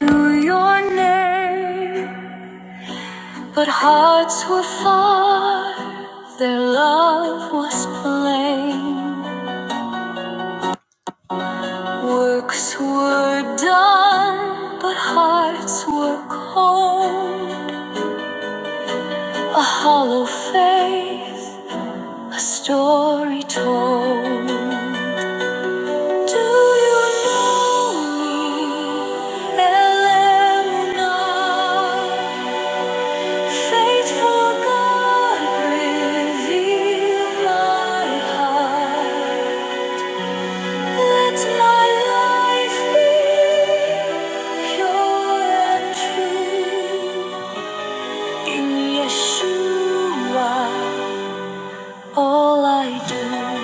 knew your name, but hearts were far, their love was plain. Works were done, but hearts were cold. A hollow faith, a story told. Do you know me, Faithful God, reveal my heart. Let my life be pure and In Yeshua, all I do.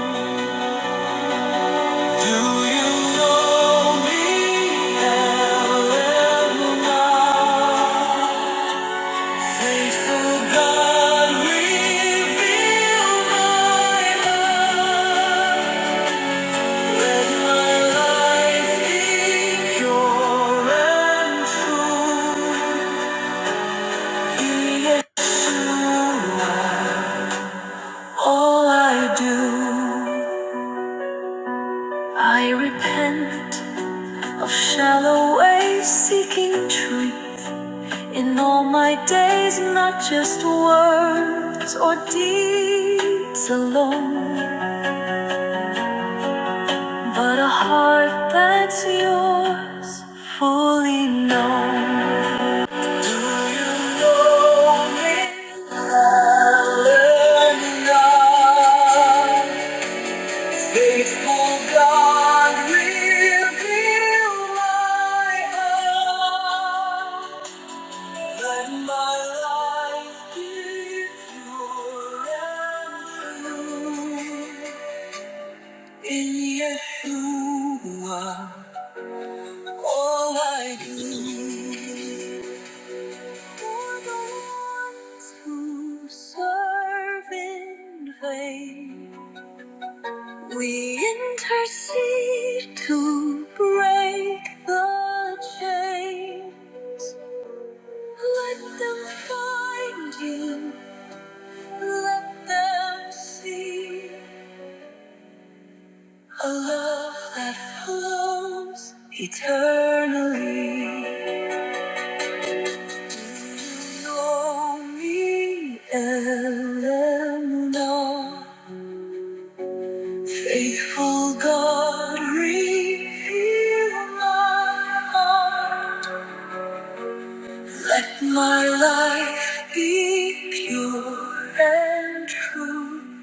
Do you know me, Eleanor? Faithful God, reveal my love. My life pure and true. All I do, I repent of shallow ways, seeking truth. In all my days, not just words or deeds alone, but a heart that's yours fully known. Do you know me? Hallelujah. Faithful God, reveal my heart. When my life gives pure and true. in Yeshua, all I do for the ones who serve in vain, we intercede to break the chain. Let them find you. Let them see a love that flows eternally. Know me, Eleanor. Faithful God, reveal my heart. Let my life be pure and true.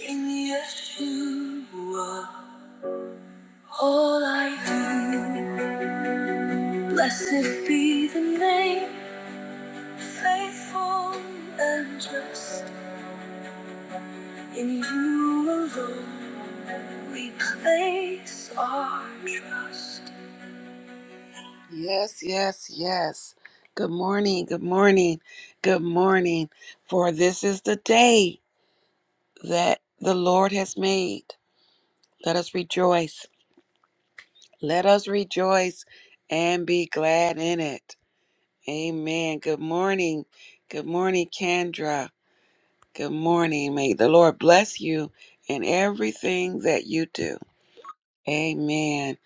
In Yeshua, all I do. Blessed be the name, faithful and just. In you alone we place our trust. Yes, yes, yes. Good morning, good morning, good morning. For this is the day that the Lord has made. Let us rejoice. Let us rejoice and be glad in it. Amen. Good morning. Good morning, Kendra. Good morning. May the Lord bless you in everything that you do. Amen.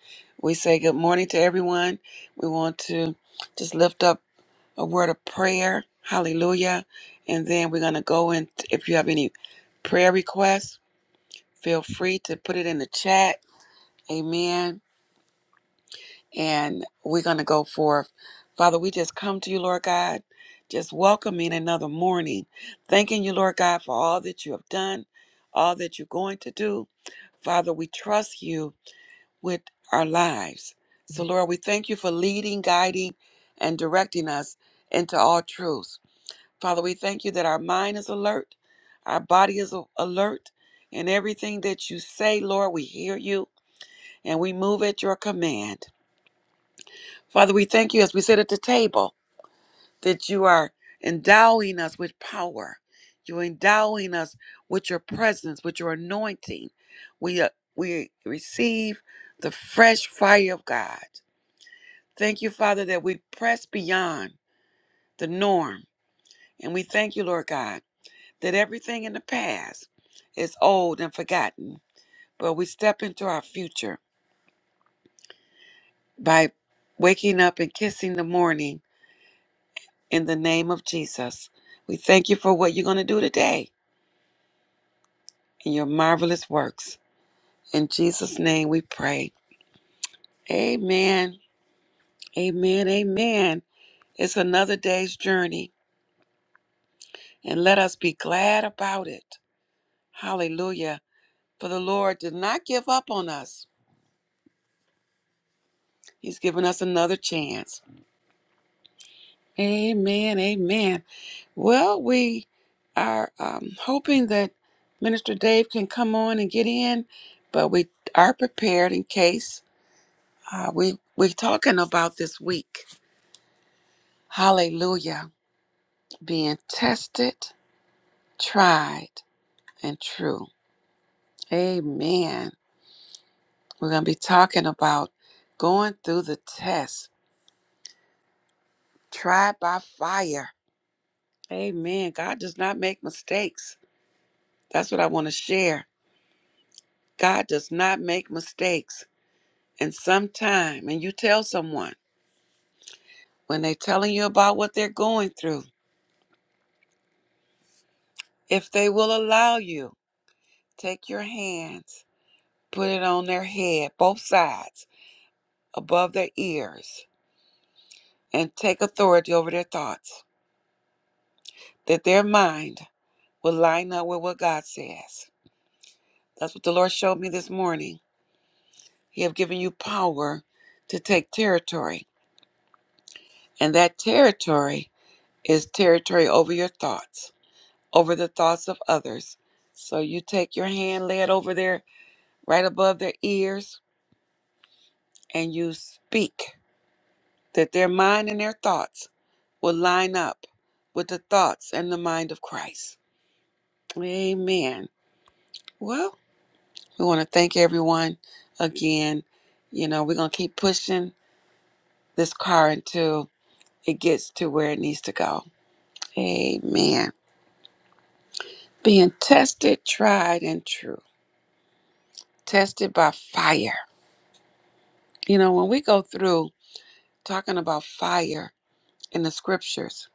We say good morning to everyone. We want to just lift up a word of prayer. Hallelujah. And then we're going to go in. If you have any prayer requests, feel free to put it in the chat. Amen. and we're going to go forth. Father, we just come to you, Lord God, just welcoming another morning, thanking you, Lord God, for all that you have done, all that you're going to do. Father, we trust you with our lives. So, Lord, we thank you for leading, guiding, and directing us into all truth. Father, we thank you that our mind is alert, our body is a- alert, and everything that you say, Lord, we hear you and we move at your command. Father, we thank you as we sit at the table that you are endowing us with power. You're endowing us with your presence, with your anointing. We, uh, we receive the fresh fire of God. Thank you, Father, that we press beyond the norm. And we thank you, Lord God, that everything in the past is old and forgotten. But we step into our future by waking up and kissing the morning in the name of Jesus. We thank you for what you're going to do today and your marvelous works. In Jesus' name we pray. Amen. Amen. Amen. It's another day's journey, and let us be glad about it. Hallelujah. For the Lord did not give up on us, He's given us another chance. Amen. Amen. Well, we are um, hoping that Minister Dave can come on and get in, but we are prepared in case. Uh, we we're talking about this week. Hallelujah. Being tested, tried, and true. Amen. We're gonna be talking about going through the test, tried by fire. Amen. God does not make mistakes. That's what I want to share. God does not make mistakes. And sometime, and you tell someone when they're telling you about what they're going through, if they will allow you, take your hands put it on their head, both sides, above their ears, and take authority over their thoughts, that their mind will line up with what God says. That's what the Lord showed me this morning. He have given you power to take territory, and that territory is territory over your thoughts, over the thoughts of others. So you take your hand, lay it over there, right above their ears, and you speak that their mind and their thoughts will line up with the thoughts and the mind of Christ. Amen. Well, we want to thank everyone again. You know, we're going to keep pushing this car until it gets to where it needs to go. Amen. Being tested, tried, and true. Tested by fire. You know, when we go through talking about fire in the scriptures,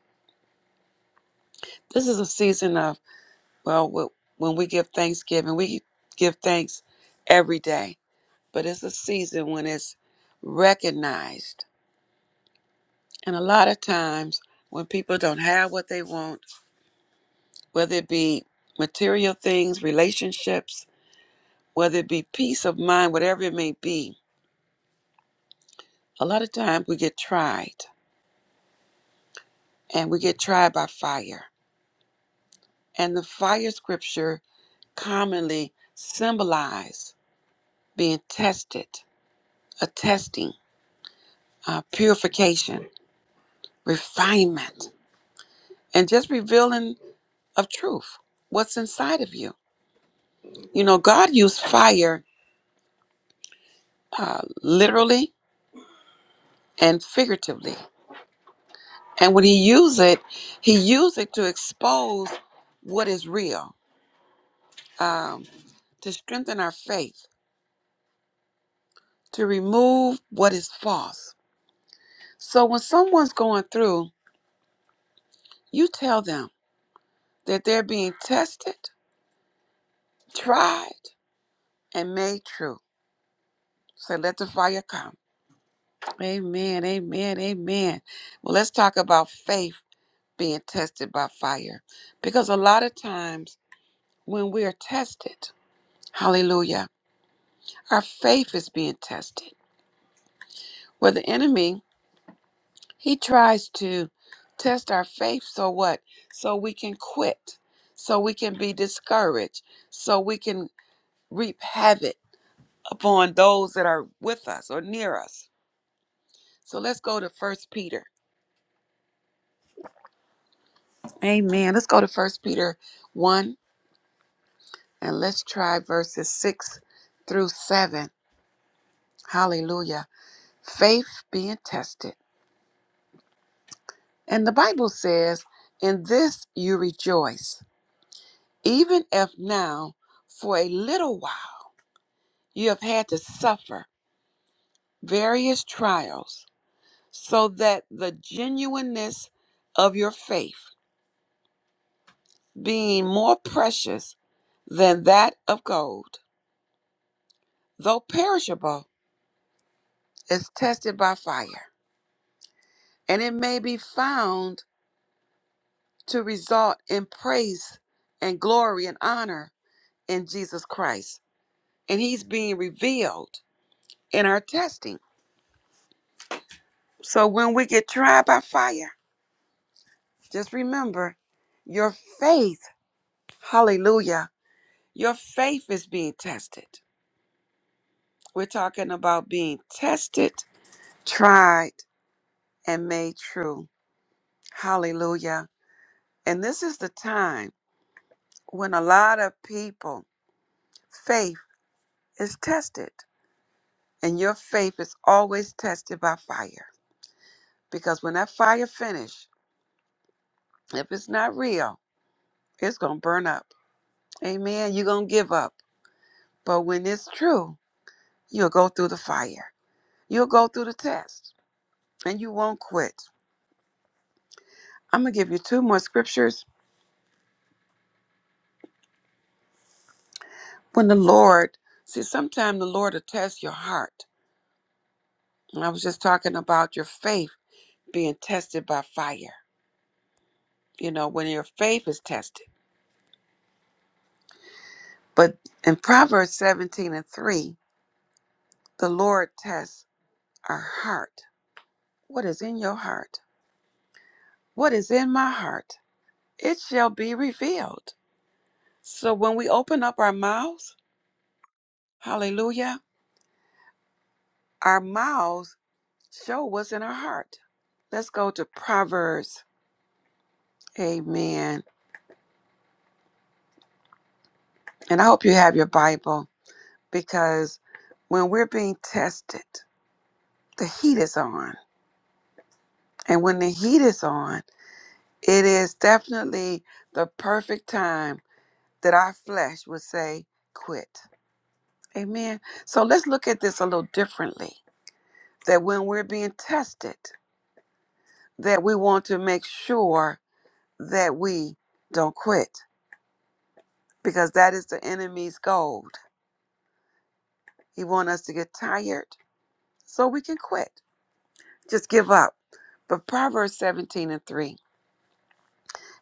this is a season of, well, wh- when we give thanksgiving, we give thanks every day but it's a season when it's recognized. And a lot of times when people don't have what they want, whether it be material things, relationships, whether it be peace of mind, whatever it may be, a lot of times we get tried and we get tried by fire. And the fire scripture commonly symbolize being tested, a testing, uh, purification, refinement, and just revealing of truth, what's inside of you. You know, God used fire uh, literally and figuratively. And when he used it, he used it to expose what is real, um, to strengthen our faith, to remove what is false. So when someone's going through, you tell them that they're being tested, tried, and made true. So let the fire come. Amen, amen, amen. Well, let's talk about faith being tested by fire. Because a lot of times, when we are tested. Hallelujah. Our faith is being tested. Well, the enemy, he tries to test our faith so what? So we can quit, so we can be discouraged, so we can reap havoc upon those that are with us or near us. So let's go to First Peter. Amen. Let's go to First Peter 1 and let's try verses 6 through 7. Hallelujah. Faith being tested. And the Bible says, In this you rejoice, even if now, for a little while, you have had to suffer various trials, so that the genuineness of your faith, being more precious than that of gold, though perishable, is tested by fire, and it may be found to result in praise and glory and honor in Jesus Christ. And he's being revealed in our testing. So when we get tried by fire, just remember your faith, hallelujah, your faith is being tested. We're talking about being tested, tried, and made true. Hallelujah. And this is the time when a lot of people, faith is tested. And your faith is always tested by fire. Because when that fire finish, if it's not real, it's going to burn up. Amen. You're going to give up But when it's true, you'll go through the fire. You'll go through the test and you won't quit. I'm going to give you two more scriptures. When the Lord, see, sometimes the Lord will test your heart. And I was just talking about your faith being tested by fire, you know, when your faith is tested. But in Proverbs 17 and 3, the Lord tests our heart. What is in your heart? What is in my heart? It shall be revealed. So when we open up our mouths, Hallelujah. Our mouths show what's in our heart. Let's go to Proverbs. Amen. And I hope you have your Bible because when we're being tested, the heat is on. And when the heat is on, it is definitely the perfect time that our flesh would say, quit. Amen. So let's look at this a little differently that when we're being tested, that we want to make sure that we don't quit. because that is the enemy's gold. He wants us to get tired so we can quit, just give up. But Proverbs 17 and 3,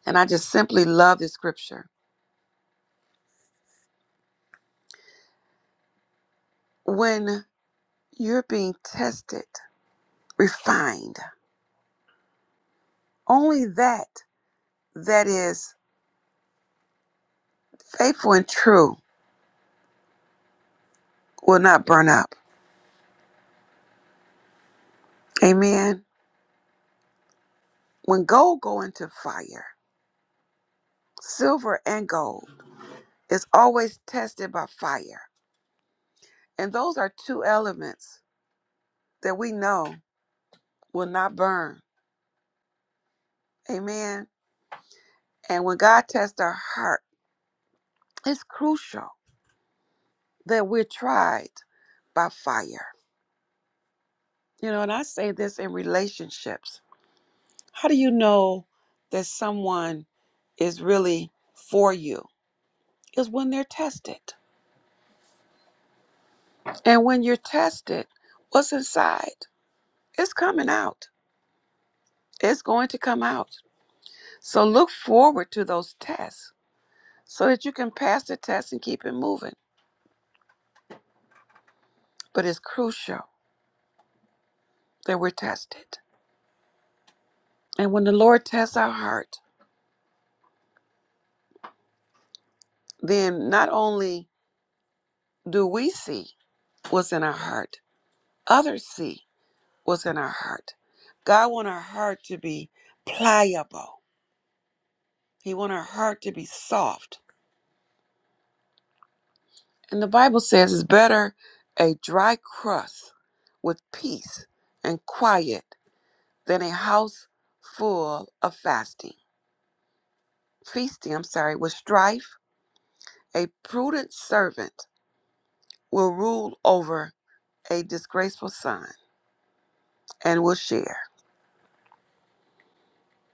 and I just simply love this scripture. When you're being tested, refined, only that that is faithful and true will not burn up. Amen. When gold go into fire, silver and gold is always tested by fire. And those are two elements that we know will not burn Amen. And when God tests our heart, it's crucial that we're tried by fire. You know, and I say this in relationships. How do you know that someone is really for you? Is when they're tested. And when you're tested, what's inside? It's coming out. It's going to come out. So look forward to those tests so that you can pass the test and keep it moving. But it's crucial that we're tested. And when the Lord tests our heart, then not only do we see what's in our heart, others see what's in our heart. God wants our heart to be pliable. He wants our heart to be soft. And the Bible says it's better a dry crust with peace and quiet than a house full of fasting. Feasting, I'm sorry, with strife, a prudent servant will rule over a disgraceful son. and we'll share.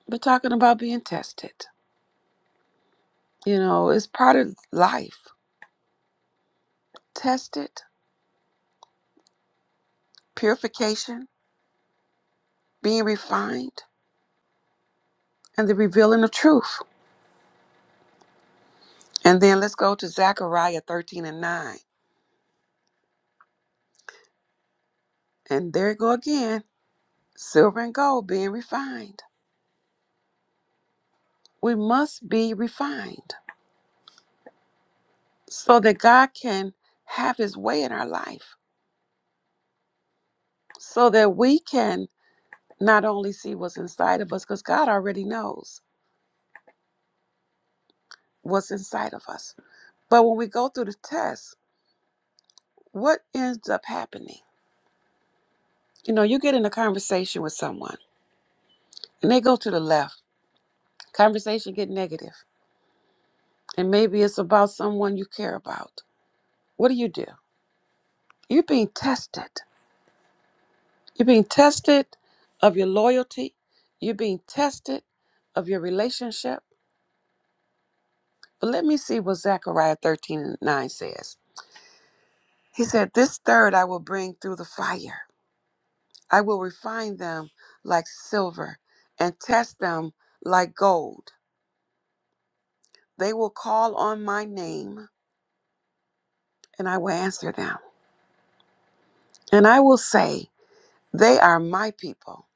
But talking about being tested, you know, it's part of life. Tested, purification, being refined, and the revealing of truth. And then let's go to Zechariah 13 and 9. And there you go again silver and gold being refined. We must be refined so that God can have his way in our life, so that we can not only see what's inside of us, because God already knows what's inside of us. But when we go through the test, what ends up happening? You know, you get in a conversation with someone and they go to the left, conversation get negative, and maybe it's about someone you care about. What do you do? You're being tested. You're being tested of your loyalty. You're being tested of your relationship. But let me see what Zechariah 13 and 9 says. He said, This third I will bring through the fire. I will refine them like silver and test them like gold. They will call on my name, and I will answer them. And I will say, They are my people.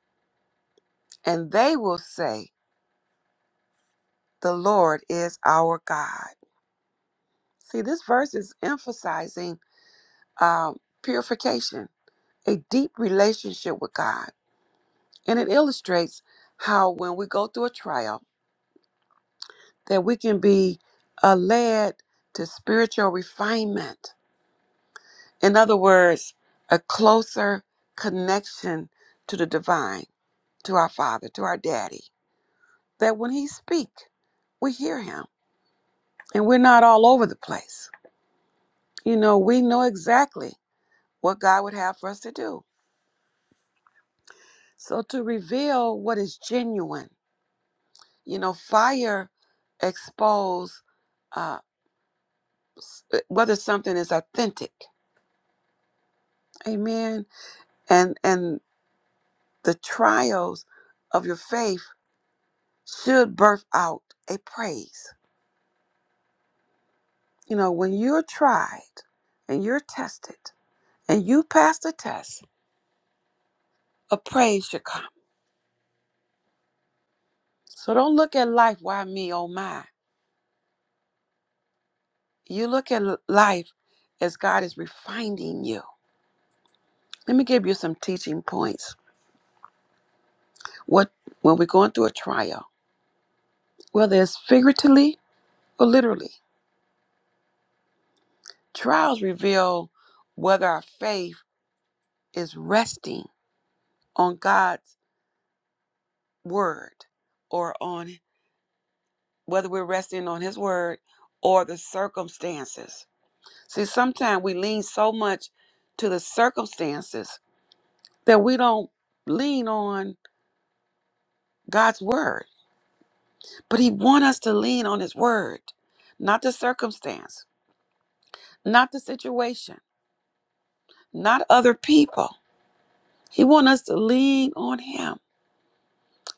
And they will say, The Lord is our God. See, this verse is emphasizing um, purification, a deep relationship with God. And it illustrates how when we go through a trial, that we can be uh, led to spiritual refinement. In other words, a closer connection to the divine to our father, to our daddy, that when he speak, we hear him and we're not all over the place. You know, we know exactly what God would have for us to do. So to reveal what is genuine, you know, fire expose uh, whether something is authentic. Amen. And and the trials of your faith should birth out a praise. You know, when you're tried and you're tested and you pass the test, a praise should come. So don't look at life, why me, oh my. You look at life as God is refining you. Let me give you some teaching points. What when we're going through a trial, whether it's figuratively or literally, trials reveal whether our faith is resting on God's word or on whether we're resting on his word or the circumstances. See, sometimes we lean so much to the circumstances that we don't lean on God's word. But he want us to lean on his word, not the circumstance, not the situation, not other people. He want us to lean on him.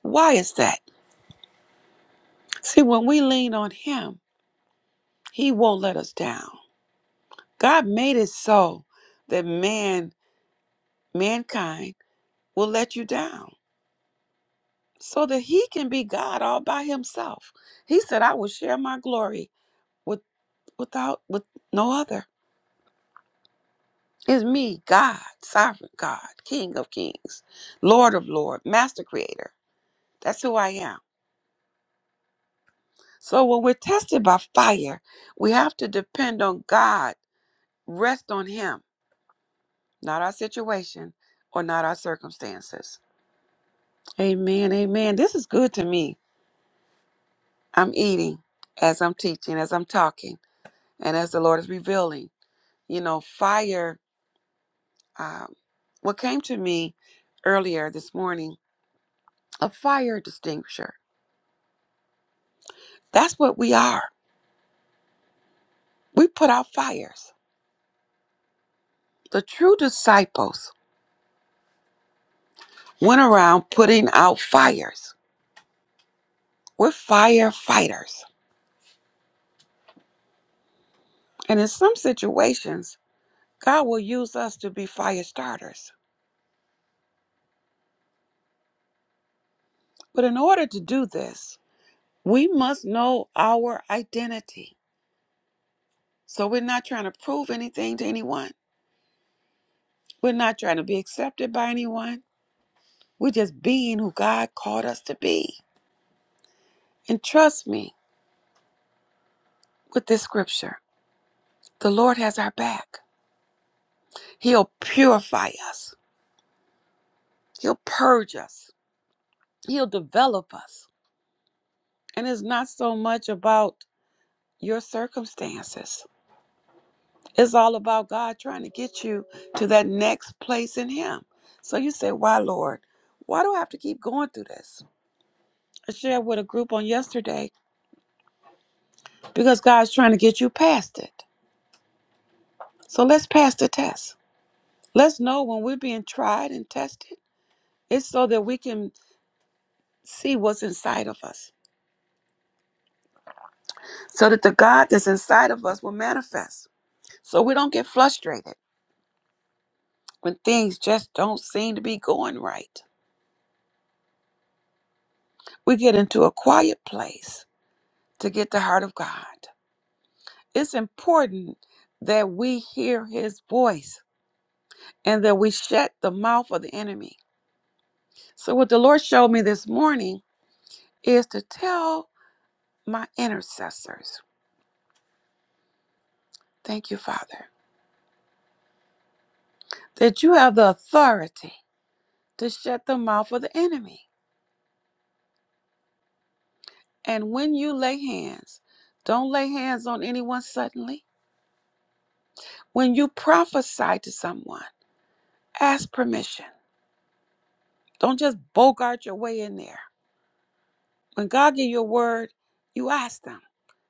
Why is that? See, when we lean on him, he won't let us down. God made it so that man, mankind will let you down so that he can be God all by himself. He said, I will share my glory with without with no other. It's me, God, sovereign God, King of kings, Lord of lords, master creator. That's who I am. So when we're tested by fire, we have to depend on God, rest on Him, not our situation or not our circumstances. Amen, amen. This is good to me. I'm eating as I'm teaching, as I'm talking, and as the Lord is revealing. You know, fire, um, what came to me earlier this morning, a fire extinguisher. That's what we are. We put out fires. The true disciples went around putting out fires. We're firefighters. And in some situations, God will use us to be fire starters. But in order to do this, we must know our identity. So we're not trying to prove anything to anyone. We're not trying to be accepted by anyone. We're just being who God called us to be. And trust me with this scripture the Lord has our back. He'll purify us, He'll purge us, He'll develop us. And it's not so much about your circumstances, it's all about God trying to get you to that next place in Him. So you say, Why, Lord? Why do I have to keep going through this? I shared with a group on yesterday because God's trying to get you past it. So let's pass the test. Let's know when we're being tried and tested, it's so that we can see what's inside of us so that the God that's inside of us will manifest. So we don't get frustrated when things just don't seem to be going right. We get into a quiet place to get the heart of God. It's important that we hear his voice and that we shut the mouth of the enemy. So, what the Lord showed me this morning is to tell my intercessors, thank you, Father, that you have the authority to shut the mouth of the enemy. And when you lay hands, don't lay hands on anyone suddenly. When you prophesy to someone, ask permission. Don't just bogart your way in there. When God gives you a word, you ask them,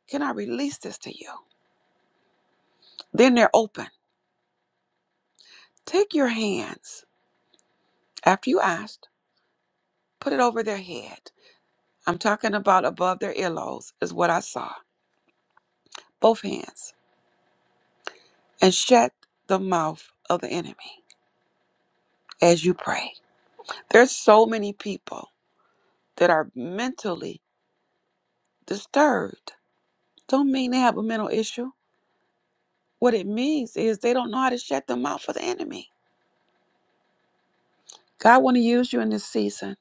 Can I release this to you? Then they're open. Take your hands after you asked, put it over their head. I'm talking about above their earlobes, is what I saw. Both hands. And shut the mouth of the enemy as you pray. There's so many people that are mentally disturbed don't mean they have a mental issue. What it means is they don't know how to shut the mouth for the enemy. God want to use you in this season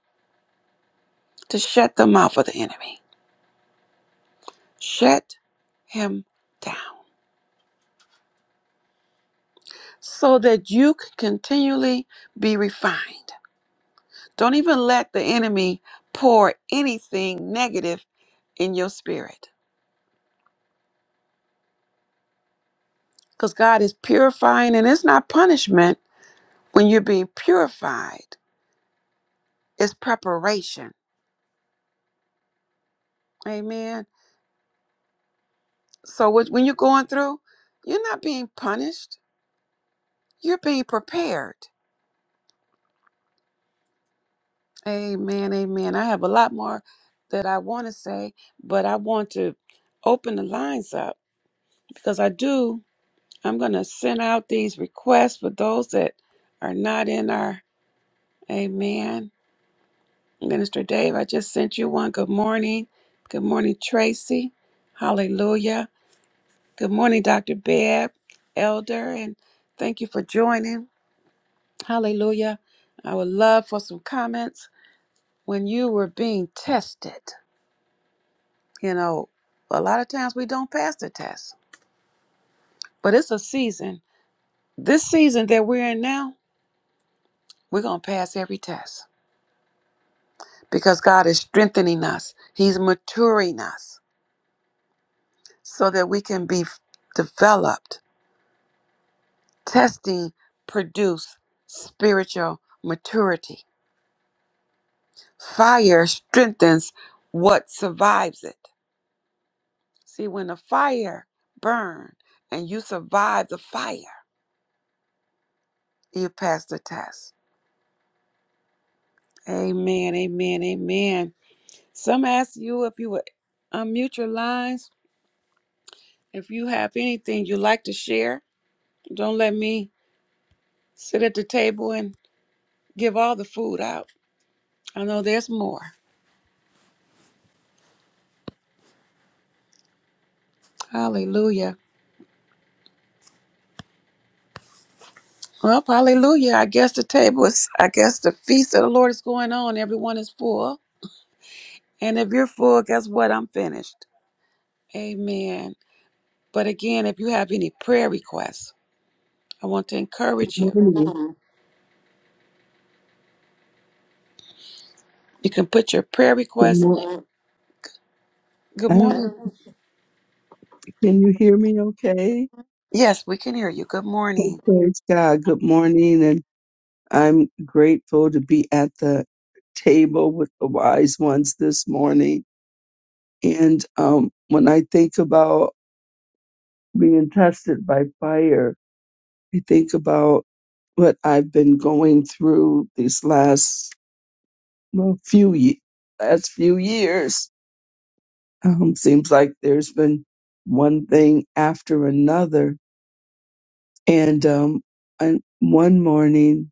to shut the mouth for the enemy. Shut him down so that you can continually be refined. Don't even let the enemy pour anything negative in your spirit because God is purifying and it's not punishment when you're being purified. It's preparation. Amen So what- when you're going through, you're not being punished. You're being prepared. Amen. Amen. I have a lot more that I want to say, but I want to open the lines up because I do. I'm going to send out these requests for those that are not in our Amen. Minister Dave, I just sent you one. Good morning. Good morning, Tracy. Hallelujah. Good morning, Dr. Bebb, Elder, and thank you for joining. Hallelujah. I would love for some comments when you were being tested. You know, a lot of times we don't pass the test, but it's a season. This season that we're in now, we're going to pass every test because God is strengthening us, He's maturing us so that we can be f- developed. Testing produce spiritual maturity. Fire strengthens what survives it. See, when the fire burn and you survive the fire, you pass the test. Amen, amen, amen. Some ask you if you would unmute your lines. If you have anything you'd like to share, don't let me sit at the table and give all the food out. I know there's more. Hallelujah. Well, hallelujah. I guess the table is, I guess the feast of the Lord is going on. Everyone is full. And if you're full, guess what? I'm finished. Amen. But again, if you have any prayer requests, I want to encourage you. Morning. Mhm. You can put your prayer Good requests. morning. Mhm. Good I don't morning. know. Mhm. Can you hear me okay? Yes, we can hear you. Good Oh, morning. Praise God. Good morning. And I'm grateful to be at the table with the wise ones this morning. And um, when I think about being tested by fire, I think about what I've been going through these last well, few ye- last few years. Um, seems like there's been one thing after another And um, and one morning,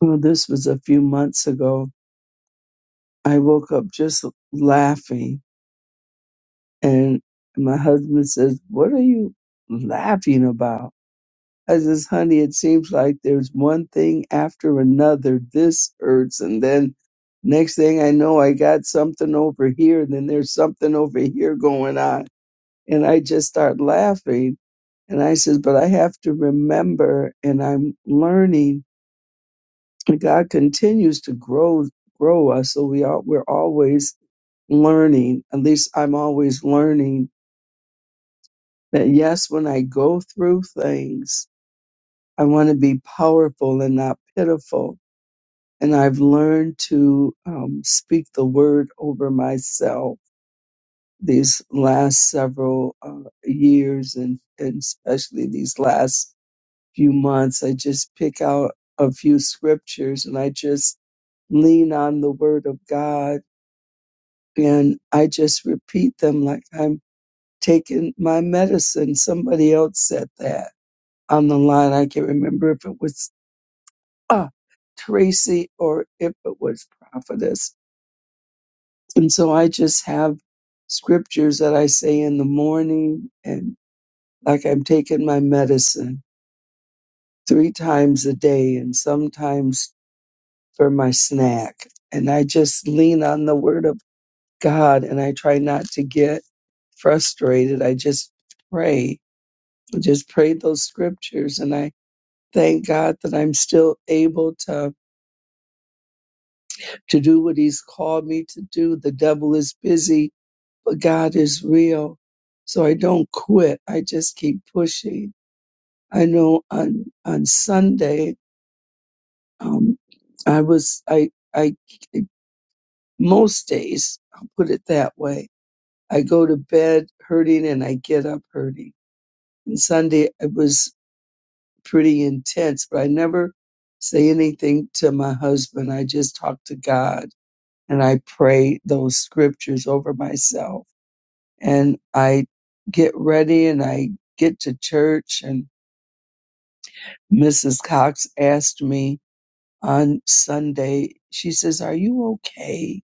well, this was a few months ago, I woke up just laughing. And my husband says, What are you laughing about? I says, Honey, it seems like there's one thing after another. This hurts. And then next thing I know, I got something over here. And then there's something over here going on. And I just start laughing. And I says, But I have to remember, and I'm learning And God continues to grow grow us, so we are we're always learning. At least I'm always learning that yes, when I go through things, I want to be powerful and not pitiful. And I've learned to um, speak the word over myself these last several uh, years, and, and especially these last few months. I just pick out a few scriptures and I just lean on the word of God and I just repeat them like I'm taking my medicine. Somebody else said that on the line. I can't remember if it was uh, Tracy or if it was Prophetess. And so I just have scriptures that I say in the morning and like I'm taking my medicine three times a day and sometimes for my snack. And I just lean on the word of God and I try not to get frustrated. I just pray I just prayed those scriptures and I thank God that I'm still able to to do what he's called me to do. The devil is busy, but God is real. So I don't quit. I just keep pushing. I know on on Sunday um I was I I most days, I'll put it that way. I go to bed hurting and I get up hurting. And Sunday I was pretty intense, but I never say anything to my husband. I just talk to God and I pray those scriptures over myself. And I get ready and I get to church. And Mrs. Cox asked me on Sunday, she says, Are you okay?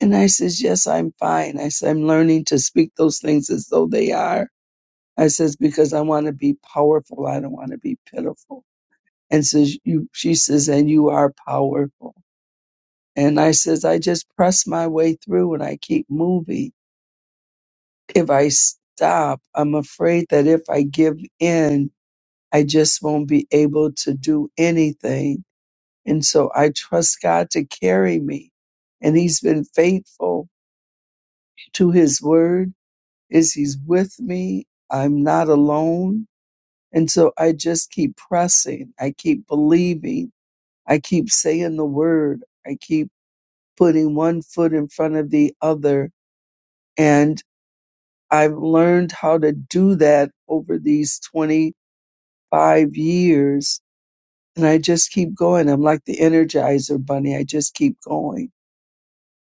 And I says, Yes, I'm fine. I said, I'm learning to speak those things as though they are. I says, Because I want to be powerful. I don't want to be pitiful. and says you she says and you are powerful and i says i just press my way through and i keep moving if i stop i'm afraid that if i give in i just won't be able to do anything and so i trust god to carry me and he's been faithful to his word is he's with me i'm not alone and so i just keep pressing i keep believing i keep saying the word i keep putting one foot in front of the other. And I've learned how to do that over these 25 years. And I just keep going. I'm like the Energizer Bunny. I just keep going.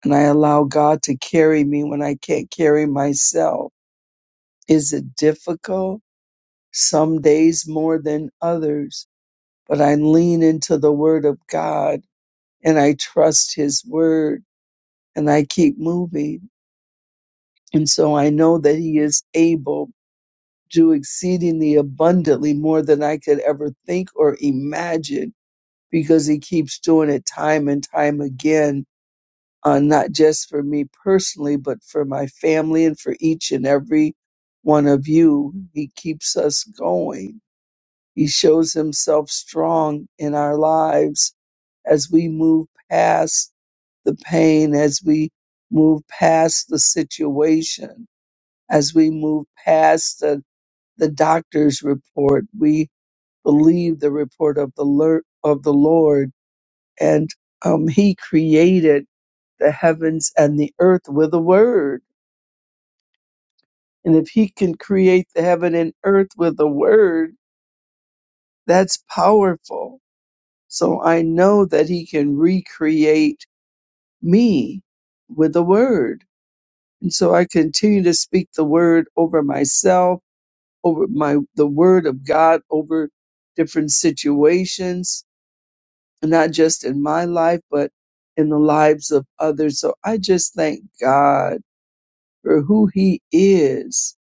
And I allow God to carry me when I can't carry myself. Is it difficult? Some days more than others. But I lean into the Word of God and I trust His Word and I keep moving. And so I know that He is able do exceedingly abundantly more than I could ever think or imagine because he keeps doing it time and time again, uh, not just for me personally, but for my family and for each and every one of you. He keeps us going. He shows himself strong in our lives as we move past the pain, as we move past the situation, as we move past the the doctor's report. We believe the report of the Lord, of the Lord, and um, He created the heavens and the earth with a word. And if He can create the heaven and earth with a word, that's powerful. So I know that He can recreate me with a word. And so I continue to speak the word over myself, over my the word of God, over different situations not just in my life, but in the lives of others. So I just thank God for who He is.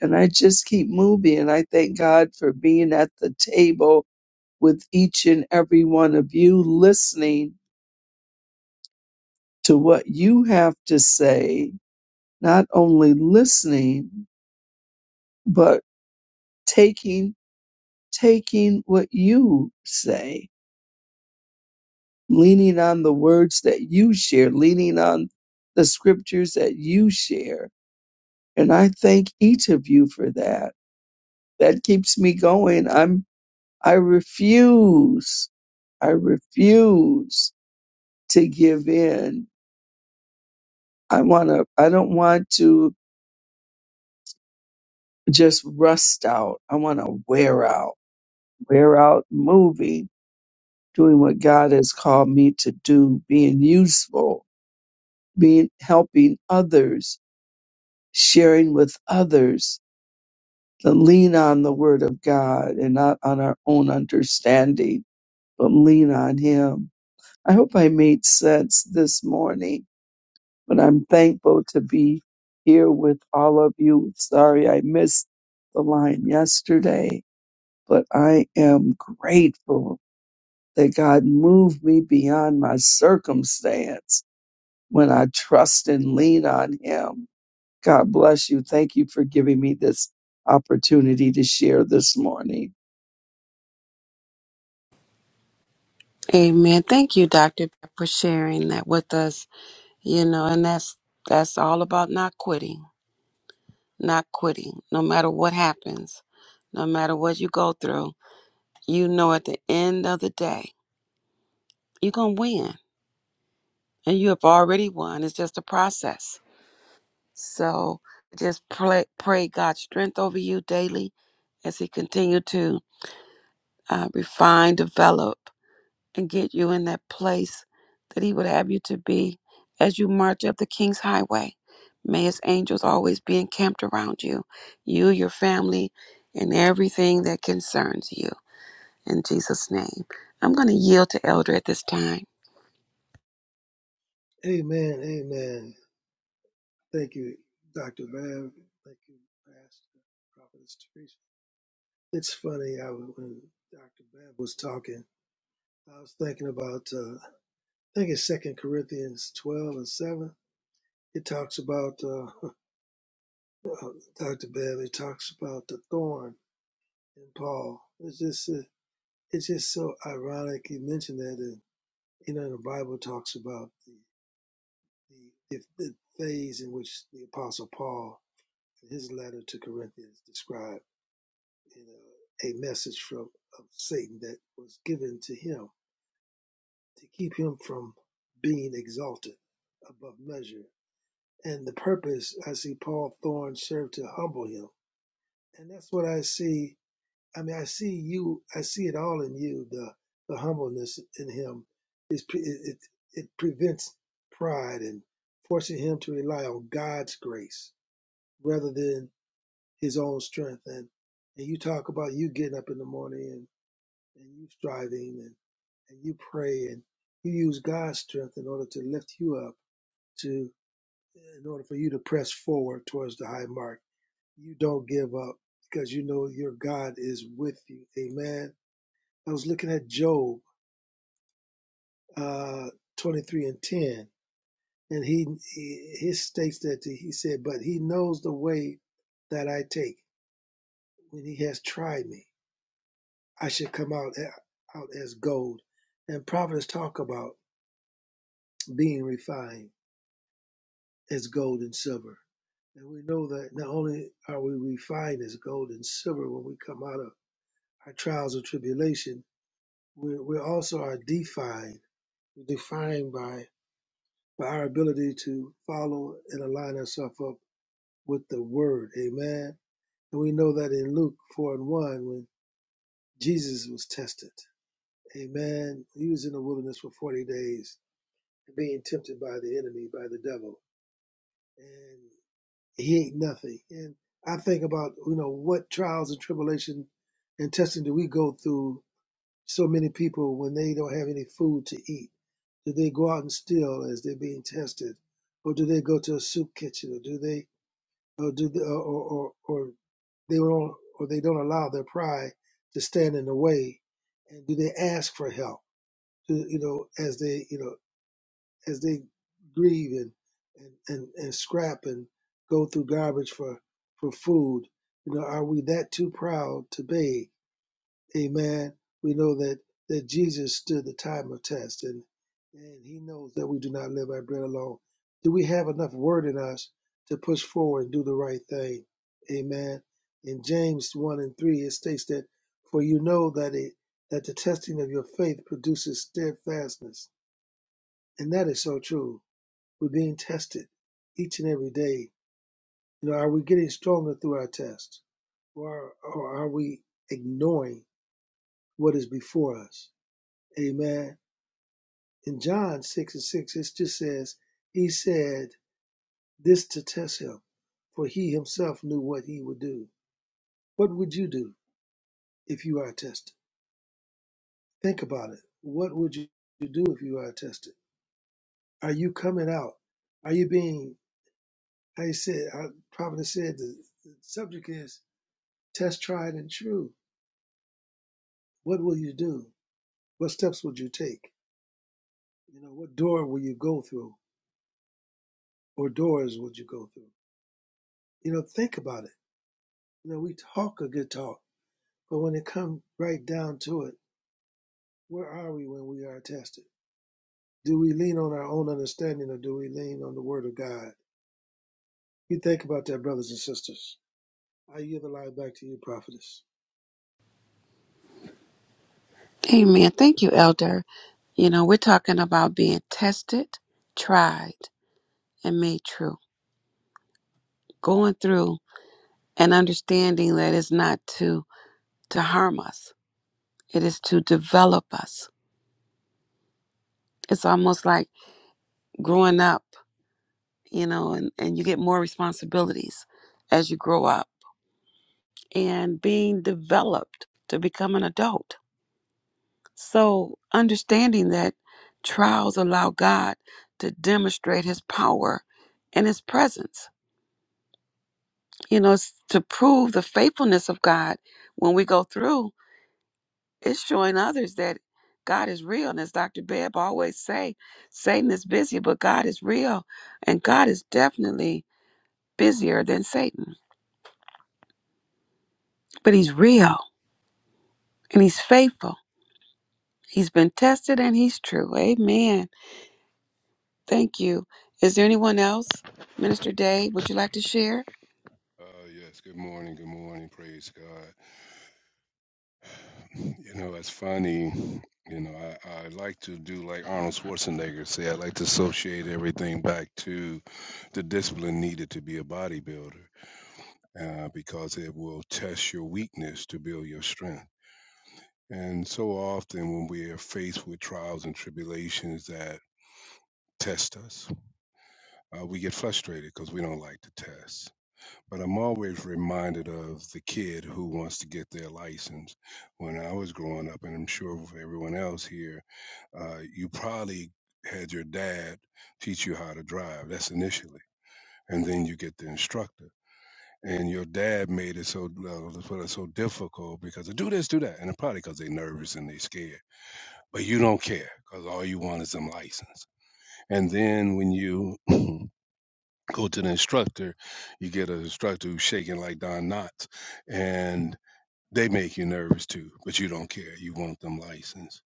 And I just keep moving. And I thank God for being at the table with each and every one of you, listening to what you have to say, not only listening, but taking, taking what you say, leaning on the words that you share, leaning on the scriptures that you share And I thank each of you for that. That keeps me going. I'm, I refuse, I refuse to give in. I want to, I don't want to just rust out. I want to wear out, wear out moving, doing what God has called me to do, being useful, being, helping others, sharing with others, to lean on the word of God and not on our own understanding, but lean on him I hope I made sense this morning, but I'm thankful to be here with all of you. Sorry I missed the line yesterday, but I am grateful that God moved me beyond my circumstance when I trust and lean on Him. God bless you. Thank you for giving me this opportunity to share this morning. Amen. Thank you, Doctor, for sharing that with us. You know, and that's that's all about not quitting, not quitting, no matter what happens, no matter what you go through. You know, at the end of the day, you're gonna win, and you have already won. It's just a process So just pray, pray God's strength over you daily as He continue to uh, refine, develop, and get you in that place that He would have you to be as you march up the King's Highway. May His angels always be encamped around you, you, your family, and everything that concerns you. In Jesus' name, I'm going to yield to Elder at this time. Amen. Amen. Thank you, Dr. Bev. Thank you, Pastor Prophetess Teresa. It's funny, I was, when Dr. Bev was talking, I was thinking about, uh, I think it's Second Corinthians 12 and 7. It talks about, uh, Dr. Bev, it talks about the thorn in Paul. It's just, uh, it's just so ironic you mentioned that. And, you know, the Bible talks about the, the, the, the phase in which the Apostle Paul his letter to Corinthians described in a, a message from of Satan that was given to him to keep him from being exalted above measure. And the purpose I see Paul Thorne served to humble him. And that's what I see. I mean, I see you. I see it all in you. The the humbleness in him is it it, it prevents pride and forcing him to rely on God's grace rather than his own strength and and you talk about you getting up in the morning and, and you striving and, and you pray and you use God's strength in order to lift you up to in order for you to press forward towards the high mark. You don't give up because you know your God is with you. Amen. I was looking at Job uh, 23 and 10 and he, he he states that he said, but he knows the way that I take when he has tried me. I should come out out as gold. And prophets talk about being refined as gold and silver. And we know that not only are we refined as gold and silver when we come out of our trials and tribulation, we we also are defined, We're defined by by our ability to follow and align ourselves up with the Word. Amen. And we know that in Luke four and one, when Jesus was tested, Amen. He was in the wilderness for forty days being tempted by the enemy, by the devil, and he ain't nothing. And I think about you know what trials and tribulation and testing do we go through? So many people when they don't have any food to eat, do they go out and steal as they're being tested, or do they go to a soup kitchen, or do they, or do they, or, or or they don't, or they don't allow their pride to stand in the way, and do they ask for help? Do, you know, as they, you know. as they grieve and, and, and, and scrap and go through garbage for, for food. You know, are we that too proud to beg? Amen. We know that, that Jesus stood the time of test and, and he knows that we do not live by bread alone. Do we have enough word in us to push forward and do the right thing? Amen. In James 1 and 3, it states that, For you know that, it, that the testing of your faith produces steadfastness. And that is so true we're being tested each and every day. You know, are we getting stronger through our tests? Or, or are we ignoring what is before us? Amen. In John 6 and 6, it just says, He said this to test him, for he himself knew what he would do. What would you do if you are tested? Think about it. What would you do if you are tested? Are you coming out? Are you being, I said, I probably said the, the subject is test, tried, and true what will you do? What steps would you take? You know, what door will you go through or doors would you go through? You know, think about it. You know, we talk a good talk, but when it comes right down to it, where are we when we are tested? Do we lean on our own understanding or do we lean on the word of God? You think about that, brothers and sisters. I yield the line back to you, prophetess. Amen. Thank you, Elder. You know, we're talking about being tested, tried, and made true. Going through and understanding that it's not to to harm us. It is to develop us. It's almost like growing up, you know, and, and you get more responsibilities as you grow up and being developed to become an adult. So understanding that trials allow God to demonstrate his power and his presence you know, s- to prove the faithfulness of God when we go through, it's showing others that God is real. And as Dr. Bebb always say, Satan is busy, but God is real. And God is definitely busier than Satan. But he's real and he's faithful. He's been tested and he's true. Amen. Thank you. Is there anyone else? Minister Dave, would you like to share? Uh, yes, good morning, good morning, praise God. You know, it's funny, you know, I, I like to do like Arnold Schwarzenegger say, I like to associate everything back to the discipline needed to be a bodybuilder uh, because it will test your weakness to build your strength. And so often when we are faced with trials and tribulations that test us, uh, we get frustrated because we don't like to test. But I'm always reminded of the kid who wants to get their license. When I was growing up, and I'm sure for everyone else here, uh, you probably had your dad teach you how to drive. That's initially, and then you get the instructor. And your dad made it so uh, so difficult because of, do this, do that, and probably because they're nervous and they're scared. But you don't care because all you want is them license. And then when you go to the instructor, you get an instructor who's shaking like Don Knotts, and they make you nervous too, but you don't care. You want them licensed.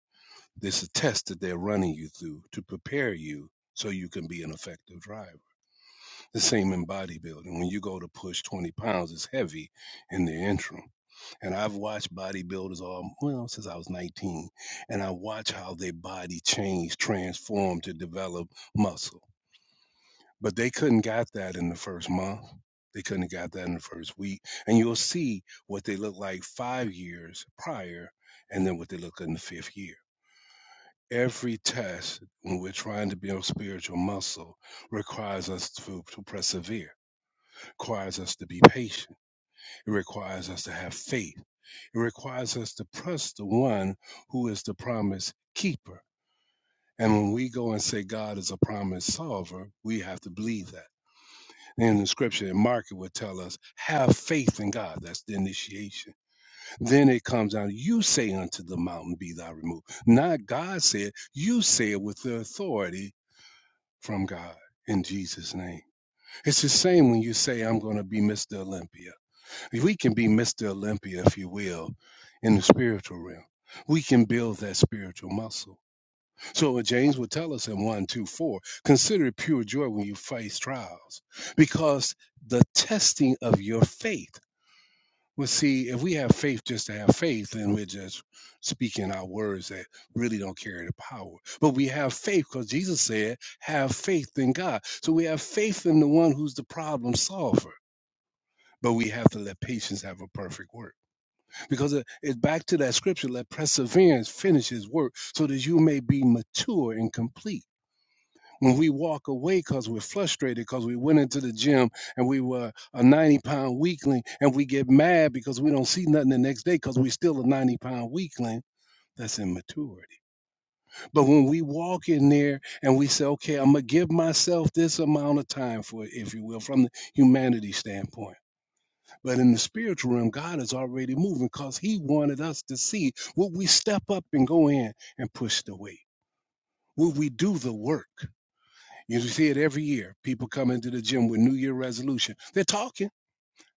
This is a test that they're running you through to prepare you so you can be an effective driver. The same in bodybuilding. When you go to push 20 pounds, it's heavy in the interim. And I've watched bodybuilders all, well, since I was 19, and I watch how their body changed, transformed to develop muscle but they couldn't got that in the first month. They couldn't have got that in the first week. And you'll see what they look like five years prior and then what they look in the fifth year. Every test when we're trying to build spiritual muscle requires us to, to persevere, requires us to be patient. It requires us to have faith. It requires us to trust the one who is the promise keeper. And when we go and say God is a promise solver, we have to believe that. in the scripture and Mark it would tell us, have faith in God. That's the initiation. Then it comes down, you say unto the mountain, be thou removed. Not God said, you say it with the authority from God. In Jesus' name. It's the same when you say, I'm going to be Mr. Olympia. We can be Mr. Olympia, if you will, in the spiritual realm. We can build that spiritual muscle so James would tell us in one, 2, 4, consider it pure joy when you face trials, because the testing of your faith. Well, see, if we have faith just to have faith, then we're just speaking out words that really don't carry the power. But we have faith because Jesus said, have faith in God. So we have faith in the one who's the problem solver. But we have to let patience have a perfect work. Because it- it's back to that scripture, let perseverance finish his work so that you may be mature and complete when we walk away because we're frustrated because we went into the gym and we were a 90 pound weakling and we get mad because we don't see nothing the next day because we we're still a 90 pound weakling that's immaturity but when we walk in there and we say okay i'm gonna give myself this amount of time for it if you will from the humanity standpoint but in the spiritual realm god is already moving because he wanted us to see will we step up and go in and push the weight will we do the work You see it every year. People come into the gym with New Year resolution. They're talking.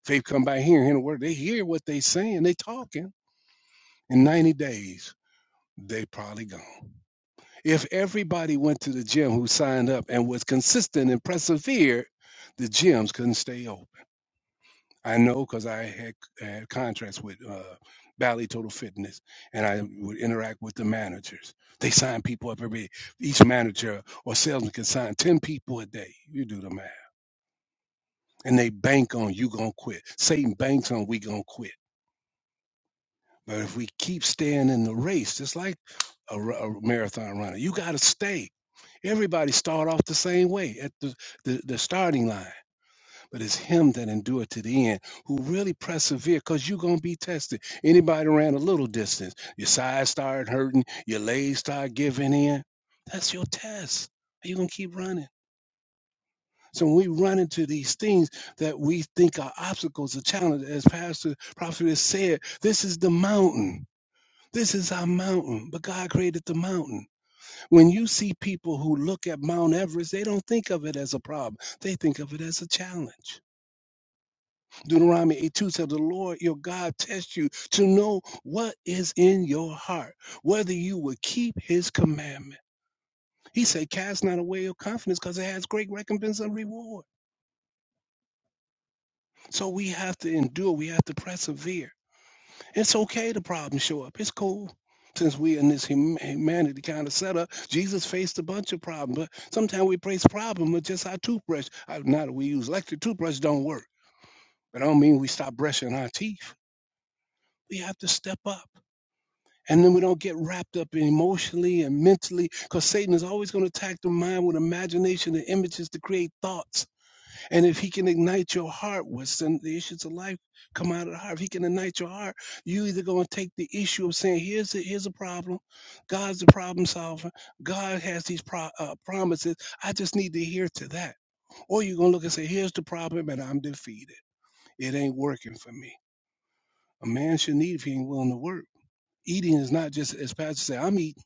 Faith come by hearing, hearing the word. They hear what they saying. They talking. In 90 days, they probably gone. If everybody went to the gym who signed up and was consistent and persevered, the gyms couldn't stay open. I know because I had, had contracts with uh, Valley Total Fitness, and I would interact with the managers. They sign people up every each manager or salesman can sign ten people a day. You do the math and they bank on you gonna quit. Satan banks on we gonna quit. But if we keep staying in the race, just like a, r- a marathon runner, you gotta stay. Everybody start off the same way at the, the, the starting line, but it's him that endure to the end who really persevere because you're going to be tested. Anybody ran a little distance, your sides start hurting, your legs start giving in. That's your test. Are you going to keep running? So when we run into these things that we think are obstacles, a challenge, as Pastor Prophet has said, this is the mountain. This is our mountain, but God created the mountain. When you see people who look at Mount Everest, they don't think of it as a problem. They think of it as a challenge. Deuteronomy 8 2 says, The Lord your God tests you to know what is in your heart, whether you will keep his commandment. He said, Cast not away your confidence because it has great recompense and reward. So we have to endure. We have to persevere. It's okay the problems show up. It's cool. Since we're in this hum- humanity kind of setup, Jesus faced a bunch of problems. But sometimes we face problem with just our toothbrush. I, now that we use electric toothbrush, don't work. But I don't mean we stop brushing our teeth. We have to step up. And then we don't get wrapped up emotionally and mentally because Satan is always going to attack the mind with imagination and images to create thoughts. And if he can ignite your heart, what's the issues of life come out of the heart. If he can ignite your heart, you either gonna take the issue of saying, here's a, here's a problem, God's the problem solver, God has these pro- uh, promises. I just need to hear to that. Or you're gonna look and say, here's the problem, and I'm defeated. It ain't working for me. A man should need if he ain't willing to work. Eating is not just as Pastor said, I'm eating.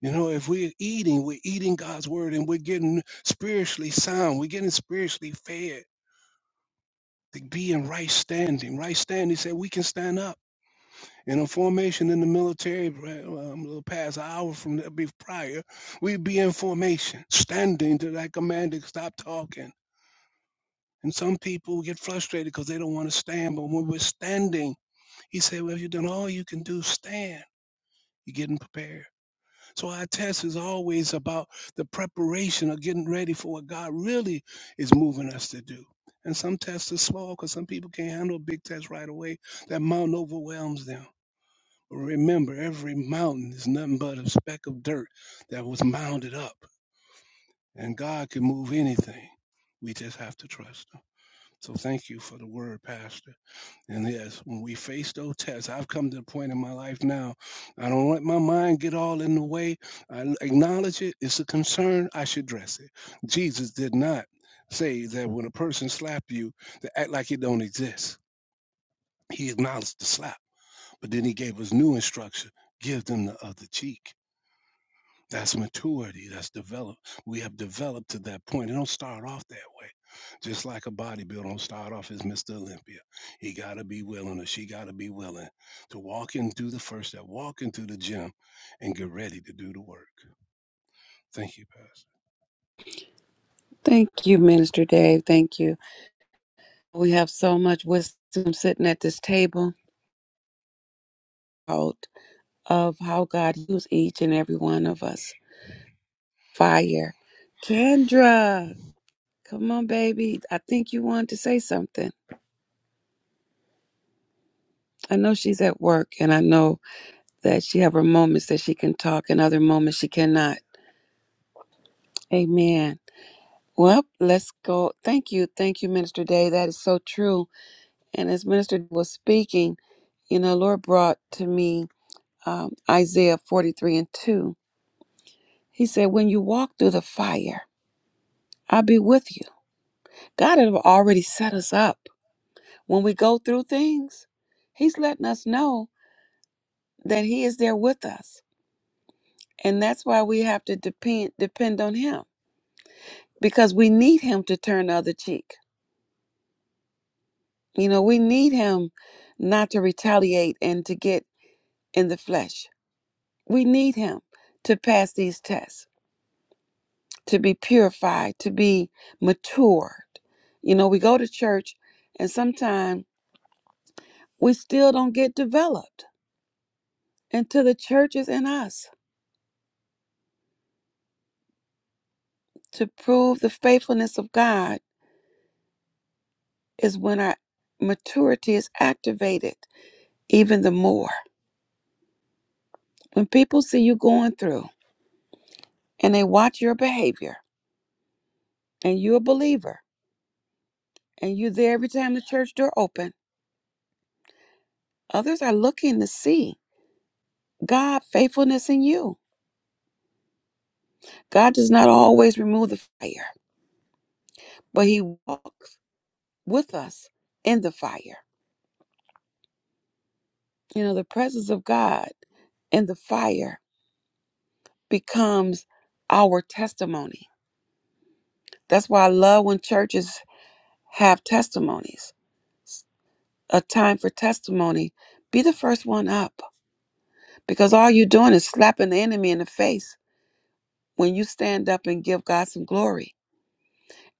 You know, if we're eating, we're eating God's word and we're getting spiritually sound, we're getting spiritually fed. to be in right standing. Right standing, he said, we can stand up. In a formation in the military, right, um, a little past an hour from the be prior, we'd be in formation, standing to that commander to stop talking. And some people get frustrated because they don't want to stand. But when we're standing, he said, well, you've done all you can do, stand. You're getting prepared. So our test is always about the preparation of getting ready for what God really is moving us to do. And some tests are small because some people can't handle a big test right away. That mountain overwhelms them. But remember, every mountain is nothing but a speck of dirt that was mounded up. And God can move anything. We just have to trust Him. So thank you for the word, Pastor. And yes, when we face those tests, I've come to the point in my life now, I don't let my mind get all in the way. I acknowledge it. It's a concern. I should address it. Jesus did not say that when a person slap you, to act like it don't exist. He acknowledged the slap, but then he gave us new instruction. Give them the other cheek. That's maturity. That's developed. We have developed to that point. It don't start off that way. Just like a bodybuilder don't start off as Mr. Olympia. He got to be willing or she got to be willing to walk in, do the first step, walk into the gym and get ready to do the work. Thank you, Pastor. Thank you, Minister Dave. Thank you. We have so much wisdom sitting at this table out of how God used each and every one of us. Fire. Kendra, come on, baby. I think you wanted to say something. I know she's at work and I know that she have her moments that she can talk and other moments she cannot. Amen. Well, let's go. Thank you. Thank you, Minister Day. That is so true. And as Minister was speaking, you know, Lord brought to me um, Isaiah 43 and 2. He said, When you walk through the fire, I'll be with you. God had already set us up. When we go through things, He's letting us know that He is there with us. And that's why we have to depend depend on Him because we need Him to turn the other cheek. You know, we need him not to retaliate and to get in the flesh. We need him to pass these tests, to be purified, to be matured. You know, we go to church and sometimes we still don't get developed until the church is in us. To prove the faithfulness of God is when our maturity is activated even the more. When people see you going through and they watch your behavior and you're a believer, and you're there every time the church door open. Others are looking to see God faithfulness in you. God does not always remove the fire, but he walks with us in the fire. You know, the presence of God in the fire becomes our testimony. That's why I love when churches have testimonies. a time for testimony. Be the first one up because all you're doing is slapping the enemy in the face when you stand up and give God some glory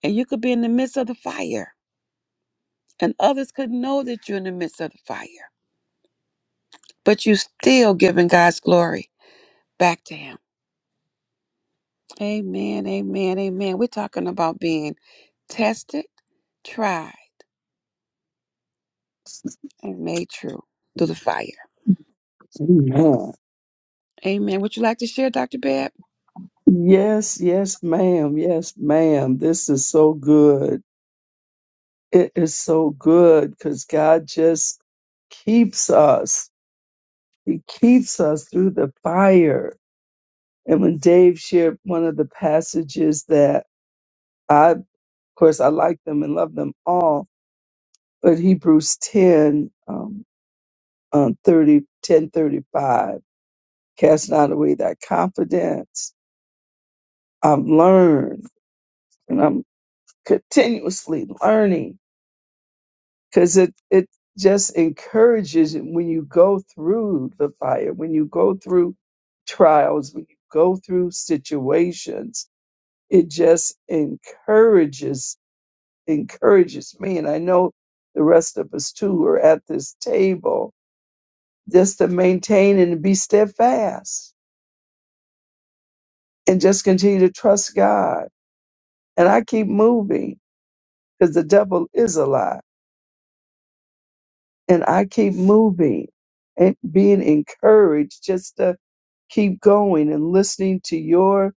and you could be in the midst of the fire and others could know that you're in the midst of the fire but you still giving god's glory back to him amen amen amen we're talking about being tested tried and made true through the fire Amen. amen would you like to share dr bab Yes, yes, ma'am. Yes, ma'am. This is so good. It is so good because God just keeps us. He keeps us through the fire. And when Dave shared one of the passages that I, of course, I like them and love them all, but Hebrews 10, um, um, 30, 10 thirty-five, cast not away thy confidence. I've learned and I'm continuously learning because it it just encourages you when you go through the fire, when you go through trials, when you go through situations, it just encourages encourages me, and I know the rest of us too who are at this table just to maintain and be steadfast and just continue to trust God. And I keep moving because the devil is a lie and I keep moving and being encouraged just to keep going and listening to your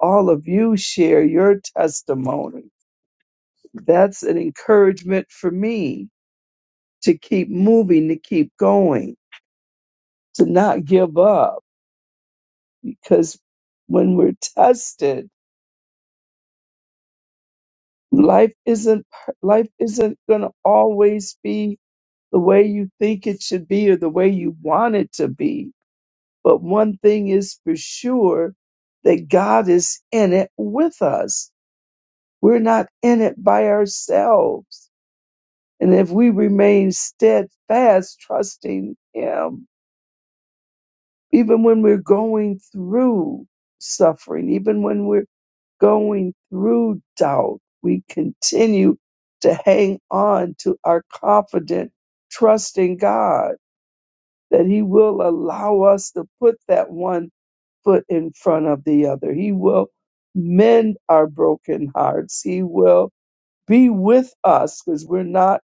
all of you share your testimony. That's an encouragement for me to keep moving, to keep going, to not give up because when we're tested, life isn't per- life isn't going to always be the way you think it should be or the way you want it to be But one thing is for sure that God is in it with us. We're not in it by ourselves. And if we remain steadfast, trusting Him, even when we're going through suffering, even when we're going through doubt, we continue to hang on to our confident trust in God that He will allow us to put that one foot in front of the other. He will mend our broken hearts. He will be with us because we're not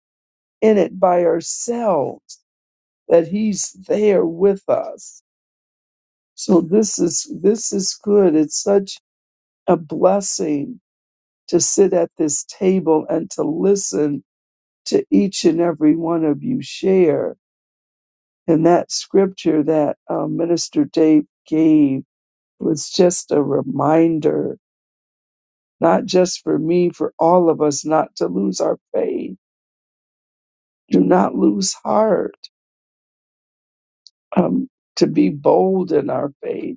in it by ourselves, that He's there with us. So this is this is good. It's such a blessing to sit at this table and to listen to each and every one of you share. And that scripture that uh, Minister Dave gave was just a reminder, not just for me, for all of us, not to lose our faith. Do not lose heart. Um, to be bold in our faith,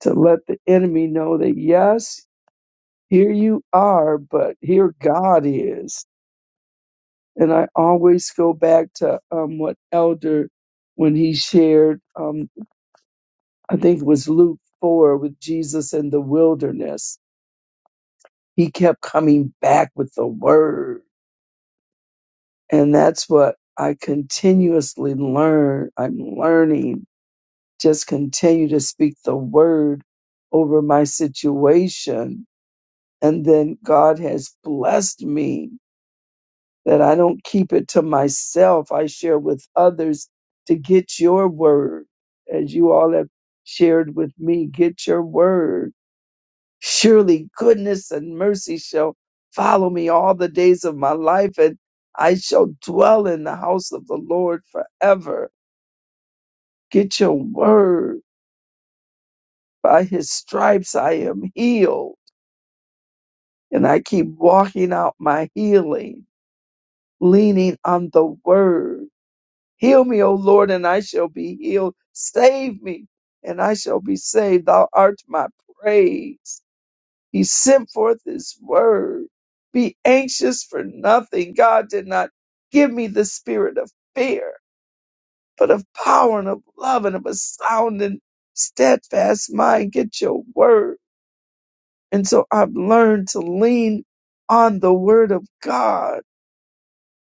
to let the enemy know that yes, here you are, but here God is. And I always go back to um, what Elder, when he shared, um, I think it was Luke 4 with Jesus in the wilderness, he kept coming back with the word And that's what I continuously learn. I'm learning. Just continue to speak the word over my situation. And then God has blessed me that I don't keep it to myself. I share with others to get your word. As you all have shared with me, get your word Surely goodness and mercy shall follow me all the days of my life, and I shall dwell in the house of the Lord forever. Get your word. By his stripes I am healed. And I keep walking out my healing, leaning on the word. Heal me, O Lord, and I shall be healed. Save me, and I shall be saved. Thou art my praise. He sent forth his word. Be anxious for nothing. God did not give me the spirit of fear, but of power and of love and of a sound and steadfast mind. Get your word. And so I've learned to lean on the word of God.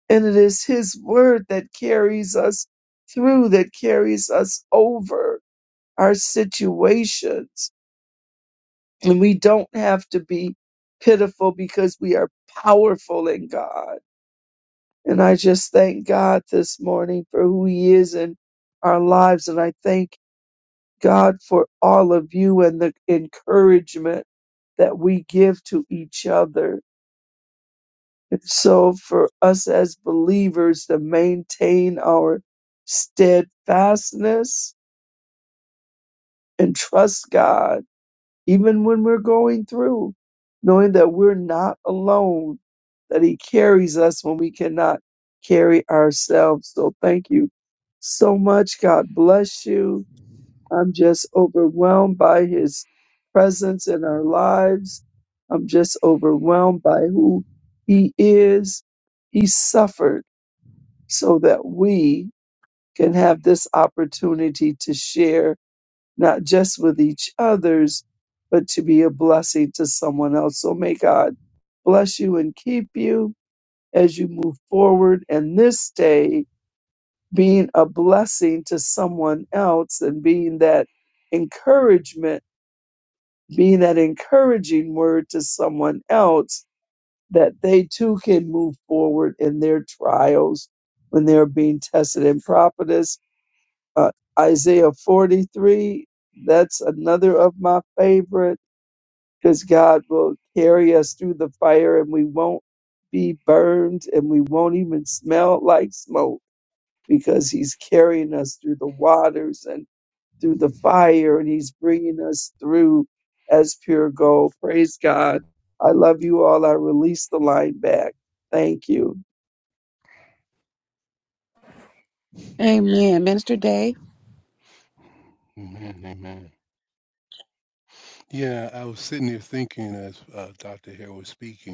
And it is his word that carries us through, that carries us over our situations. And we don't have to be pitiful because we are powerful in God. And I just thank God this morning for who He is in our lives. And I thank God for all of you and the encouragement that we give to each other. And so for us as believers to maintain our steadfastness and trust God even when we're going through, knowing that we're not alone, that He carries us when we cannot carry ourselves. So thank you so much. God bless you. I'm just overwhelmed by His presence in our lives. I'm just overwhelmed by who He is. He suffered so that we can have this opportunity to share not just with each other's, but to be a blessing to someone else. So may God bless you and keep you as you move forward. And this day, being a blessing to someone else and being that encouragement, being that encouraging word to someone else that they too can move forward in their trials when they're being tested. And prophetess, uh, Isaiah 43, that's another of my favorites because God will carry us through the fire and we won't be burned and we won't even smell like smoke because He's carrying us through the waters and through the fire and He's bringing us through as pure gold. Praise God. I love you all. I release the line back. Thank you. Amen. Minister Day. Amen, amen. Yeah, I was sitting here thinking as uh, Dr. Hare was speaking.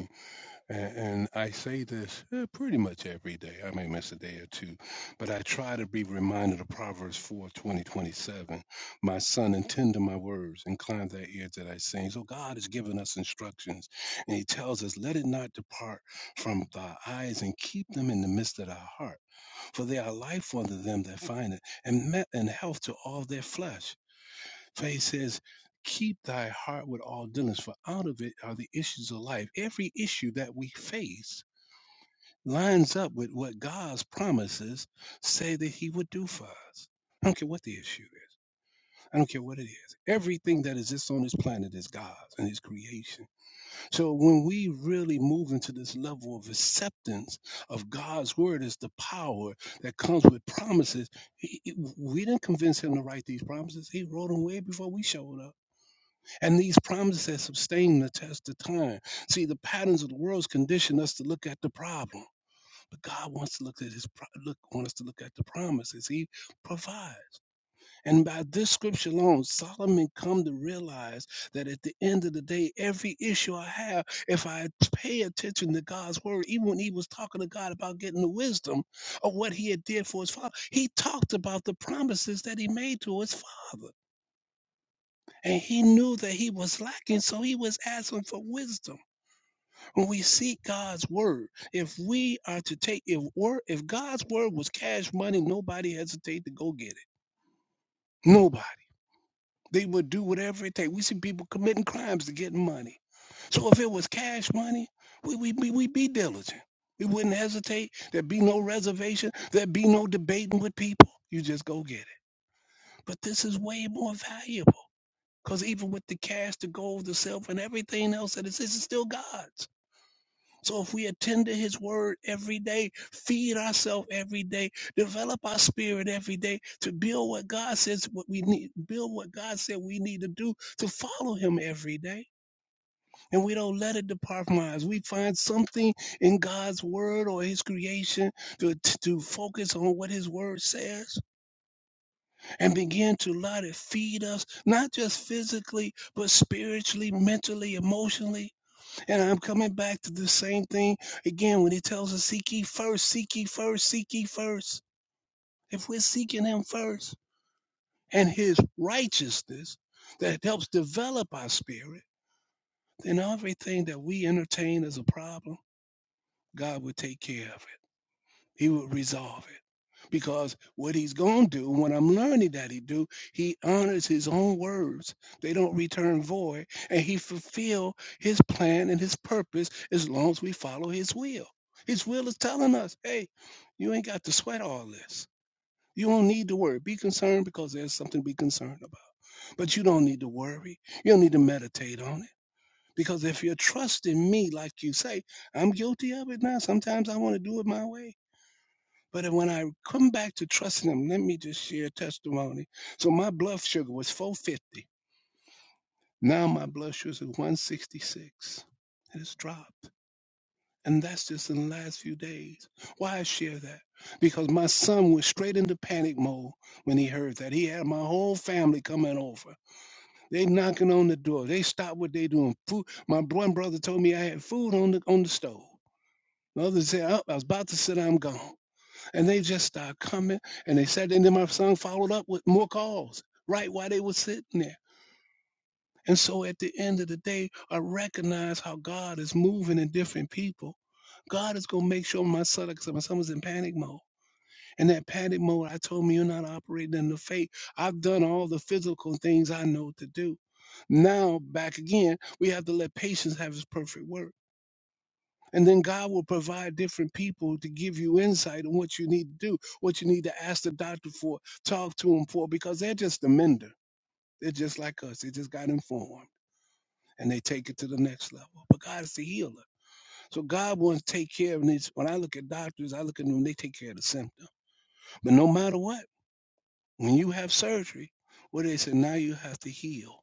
And, and I say this eh, pretty much every day. I may miss a day or two, but I try to be reminded of Proverbs 4 twenty twenty seven. My son, intend to my words, incline thy ear that I sing. So God has given us instructions, and He tells us, Let it not depart from thy eyes, and keep them in the midst of thy heart. For they are life unto them that find it, and, met, and health to all their flesh. For he says, Keep thy heart with all diligence, for out of it are the issues of life. Every issue that we face lines up with what God's promises say that he would do for us. I don't care what the issue is. I don't care what it is. Everything that exists on this planet is God's and his creation. So when we really move into this level of acceptance of God's word as the power that comes with promises, he- he- we didn't convince him to write these promises. He wrote them way before we showed up. And these promises sustain the test of time. See, the patterns of the world's condition us to look at the problem, but God wants to look at His pro- look want us to look at the promises He provides. And by this scripture alone, Solomon come to realize that at the end of the day, every issue I have, if I pay attention to God's word, even when He was talking to God about getting the wisdom of what He had did for His father, He talked about the promises that He made to His father. And he knew that he was lacking, so he was asking for wisdom. When we seek God's word, if we are to take if word, if God's word was cash money, nobody hesitate to go get it. Nobody. They would do whatever it takes. We see people committing crimes to get money. So if it was cash money, we we we we'd be diligent. We wouldn't hesitate. There'd be no reservation. There'd be no debating with people. You just go get it. But this is way more valuable. Because even with the cash, the gold, the silver, and everything else that is, exists, it's still God's. So if we attend to his word every day, feed ourselves every day, develop our spirit every day to build what God says what we need, build what God said we need to do to follow him every day. And we don't let it depart from us. We find something in God's word or his creation to, to focus on what his word says and begin to, Lord, to feed us, not just physically, but spiritually, mentally, emotionally. And I'm coming back to the same thing again when he tells us, Seek ye first, seek ye first, seek ye first. If we're seeking him first and his righteousness that helps develop our spirit, then everything that we entertain as a problem, God will take care of. He will resolve it. Because what he's going to do, what I'm learning that he do, he honors his own words. They don't return void, and he fulfill his plan and his purpose as long as we follow his will. His will is telling us, hey, you ain't got to sweat all this. You don't need to worry. Be concerned because there's something to be concerned about. But you don't need to worry. You don't need to meditate on it. Because if you're trusting me, like you say, I'm guilty of it now. Sometimes I want to do it my way. But when I come back to trusting him, let me just share a testimony. So my blood sugar was 450. Now my blood sugar is 166. It has dropped. And that's just in the last few days. Why I share that? Because my son was straight into panic mode when he heard that. He had my whole family coming over. They knocking on the door. They stopped what they doing. Food. My one brother told me I had food on the on the stove. The other said, oh, I was about to sit, I'm gone. And they just started coming and they sat and then my son followed up with more calls right while they were sitting there. And so at the end of the day, I recognize how God is moving in different people. God is gonna make sure my son, because my son was in panic mode. And that panic mode, I told me you're not operating in the faith. I've done all the physical things I know to do. Now back again, we have to let patience have his perfect work. And then God will provide different people to give you insight on what you need to do, what you need to ask the doctor for, talk to him for, because they're just a mender. They're just like us. They just got informed and they take it to the next level. But God is the healer. So God wants to take care of needs. When I look at doctors, I look at them, they take care of the symptom. But no matter what, when you have surgery, what they say, now you have to heal.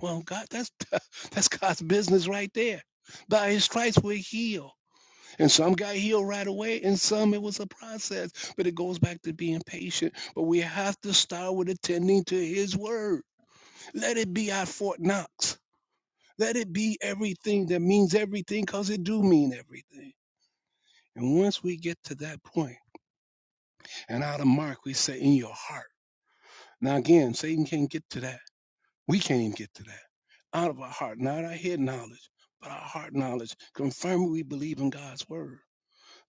Well, God, that's that's God's business right there. By his stripes we're healed. And some got healed right away, and some it was a process. But it goes back to being patient. But we have to start with attending to His word. Let it be our Fort Knox. Let it be everything that means everything, because it do mean everything. And once we get to that point, and out of Mark, we say, in your heart. Now, again, Satan can't get to that. We can't even get to that. Out of our heart, not our head knowledge, but our heart knowledge, confirming we believe in God's word.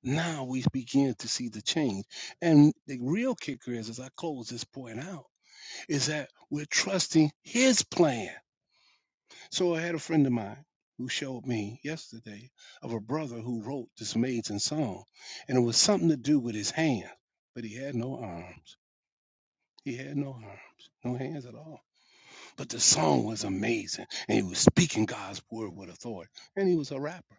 Now we begin to see the change. And the real kicker is, as I close this point out, is that we're trusting his plan. So I had a friend of mine who showed me yesterday of a brother who wrote this amazing song. And it was something to do with his hand, but he had no arms. He had no arms, no hands at all. But the song was amazing. And he was speaking God's word with authority. And he was a rapper.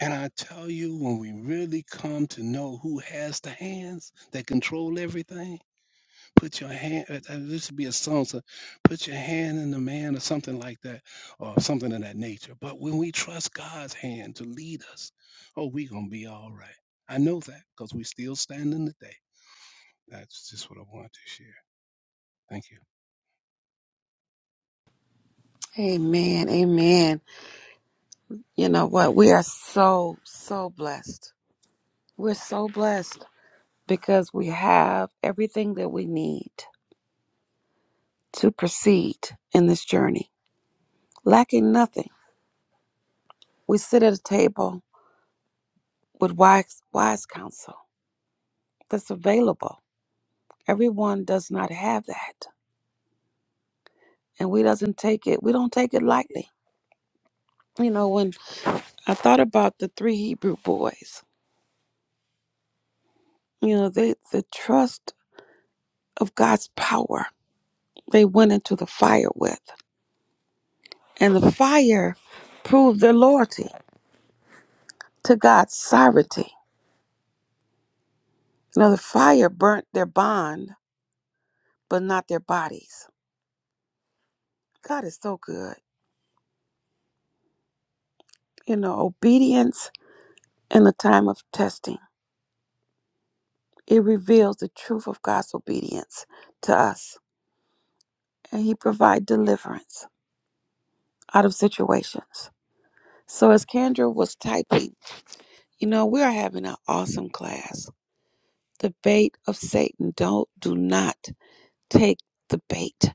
And I tell you, when we really come to know who has the hands that control everything, put your hand, uh, uh, this would be a song, so put your hand in the man or something like that, or something of that nature. But when we trust God's hand to lead us, oh, we going to be all right. I know that because we still standing today. That's just what I want to share. Thank you. Amen. Amen. You know what? We are so, so blessed. We're so blessed because we have everything that we need to proceed in this journey, lacking nothing. We sit at a table with wise, wise counsel that's available. Everyone does not have that. And we doesn't take it, we don't take it lightly. You know, when I thought about the three Hebrew boys, you know, they the trust of God's power they went into the fire with. And the fire proved their loyalty to God's sovereignty. You know, the fire burnt their bond, but not their bodies. God is so good. You know, obedience in the time of testing, it reveals the truth of God's obedience to us. And He provides deliverance out of situations. So, as Kendra was typing, you know, we are having an awesome class. The bait of Satan. Don't, do not take the bait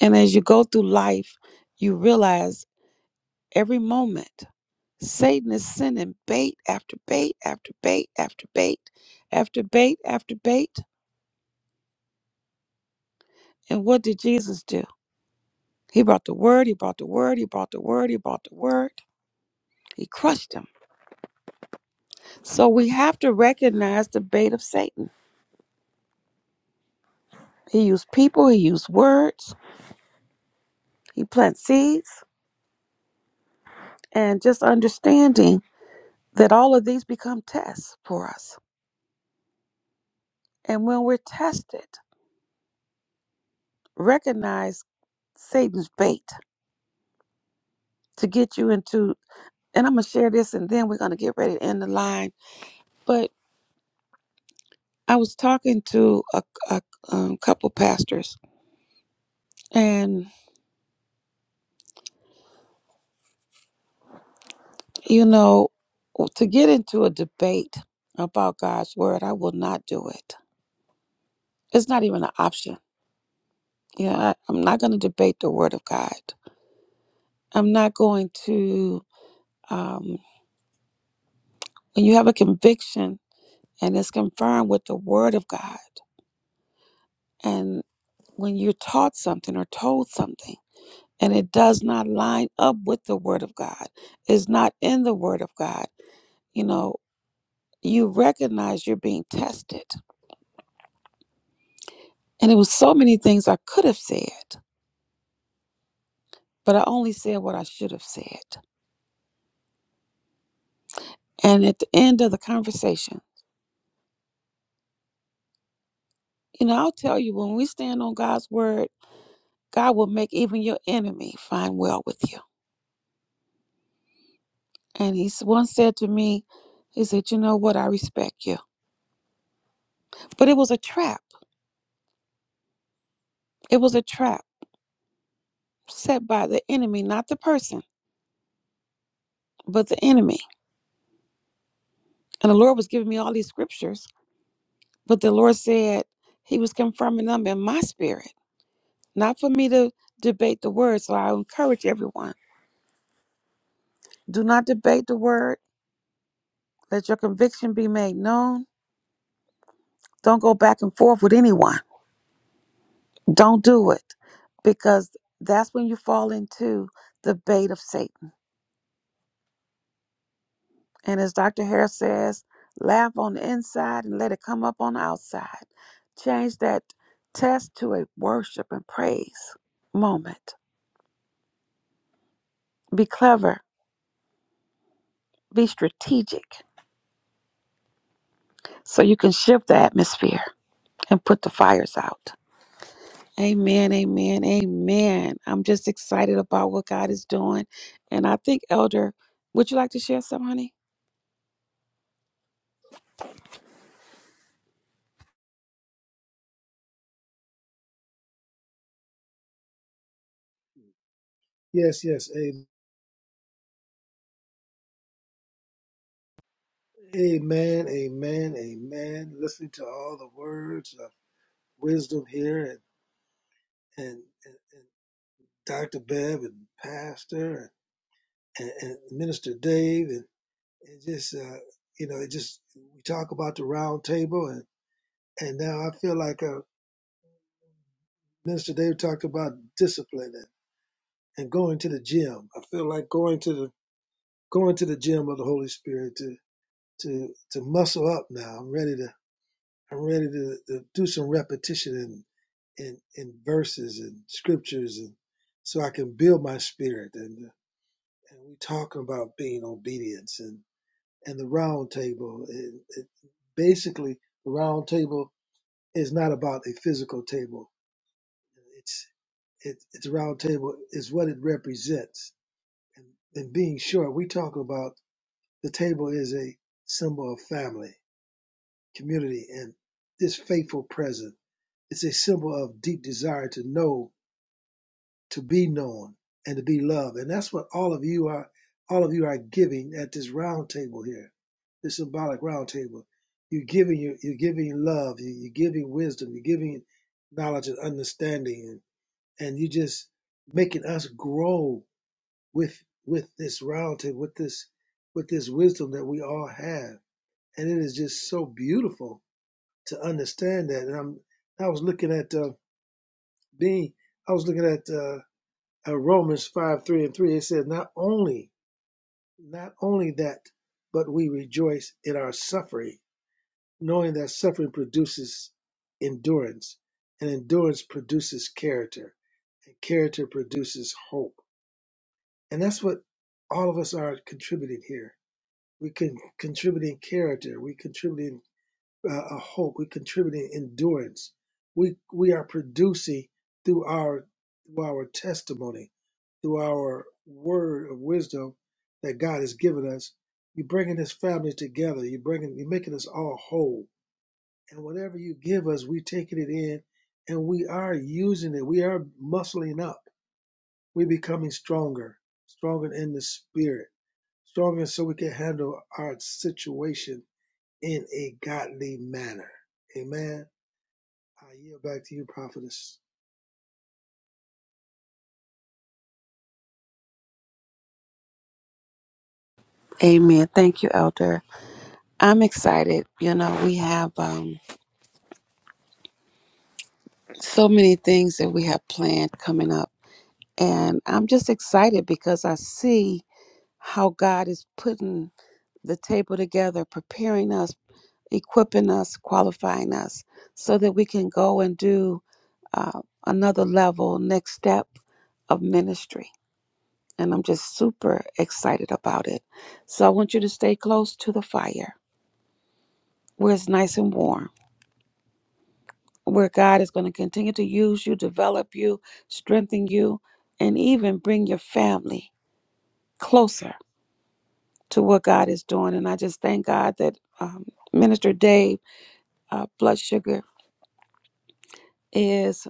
And as you go through life, you realize every moment Satan is sending bait after bait after bait after bait after bait after bait. And what did Jesus do? He brought the word, he brought the word, he brought the word, he brought the word. He crushed him. So we have to recognize the bait of Satan. He used people, he used words, he plants seeds, and just understanding that all of these become tests for us. And when we're tested, recognize. Satan's bait to get you into, and I'm going to share this and then we're going to get ready to end the line. But I was talking to a, a um, couple pastors, and you know, to get into a debate about God's word, I will not do it. It's not even an option. You know, I, I'm not going to debate the word of God. I'm not going to, um, when you have a conviction and it's confirmed with the word of God, and when you're taught something or told something, and it does not line up with the word of God, it's not in the word of God, you know, you recognize you're being tested. And it was so many things I could have said, but I only said what I should have said. And at the end of the conversation, you know, I'll tell you when we stand on God's word, God will make even your enemy find well with you. And he once said to me, he said, You know what? I respect you. But it was a trap. It was a trap set by the enemy, not the person, but the enemy And the Lord was giving me all these scriptures, but the Lord said He was confirming them in my spirit, not for me to debate the word. So I encourage everyone do not debate the word. Let your conviction be made known. Don't go back and forth with anyone. Don't do it because that's when you fall into the bait of Satan. And as Dr. Harris says, laugh on the inside and let it come up on the outside. Change that test to a worship and praise moment Be clever, be strategic, so you can shift the atmosphere and put the fires out. Amen, amen, amen. I'm just excited about what God is doing. And I think, Elder, would you like to share some, honey? Yes, yes. a- Amen, amen, amen. Listening to all the words of wisdom here and and, and, and Dr. Bev and Pastor and, and Minister Dave and, and just uh, you know, it just we talk about the round table and, and now I feel like uh, Minister Dave talked about discipline and, and going to the gym. I feel like going to the going to the gym of the Holy Spirit to to to muscle up now. I'm ready to I'm ready to, to do some repetition and in, in, verses and scriptures and so I can build my spirit and and we talk about being obedience and. and the round table. It, it, basically, the round table is not about a physical table. It's it, it's a round table is what it represents. And, and being short, we talk about the table is a symbol of family, community, and this faithful present. It's a symbol of deep desire to know to be known and to be loved. And that's what all of you are all of you are giving at this round table here, this symbolic round table. You're giving you you're giving love, you- you're giving wisdom, you're giving knowledge and understanding and, and you just making us grow with with this round table, with this with this wisdom that we all have. And it is just so beautiful to understand that. And I'm I was looking at uh Dean, I was looking at uh, uh, Romans 5 3 and 3, it says, Not only, not only that, but we rejoice in our suffering, knowing that suffering produces endurance, and endurance produces character, and character produces hope. And that's what all of us are contributing here. We can contributing character, we contributing uh, a hope. We're contributing endurance. We we are producing through our through our testimony, through our word of wisdom that God has given us. You're bringing this family together. You're bringing you're making us all whole. And whatever you give us, we're taking it in, and we are using it. We are muscling up. We're becoming stronger, stronger in the spirit, stronger so we can handle our situation in a godly manner. Amen. I yield back to you, prophetess. Amen. Thank you, Elder. I'm excited. You know, we have um, so many things that we have planned coming up. And I'm just excited because I see how God is putting the table together, preparing us equipping us, qualifying us so that we can go and do uh, another level, next step of ministry. And I'm just super excited about it. So I want you to stay close to the fire where it's nice and warm, where God is going to continue to use you, develop you, strengthen you, and even bring your family closer to what God is doing. And I just thank God that um, Minister Dave uh, Blood Sugar is.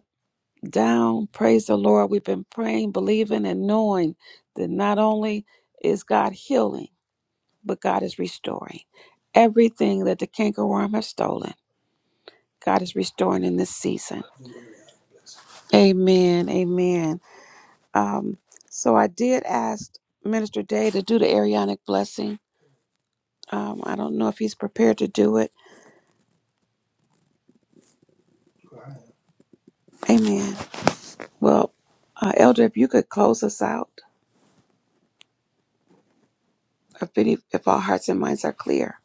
down. Praise the Lord. We've been praying, believing, and knowing that not only is God healing, but God is restoring. Everything that the cankerworm has stolen, God is restoring in this season. Amen. Amen. Um, so I did ask Minister Day to do the Arianic blessing. Um, I don't know if he's prepared to do it. Amen. Well, uh, Elder, if you could close us out, if, any, if our hearts and minds are clear.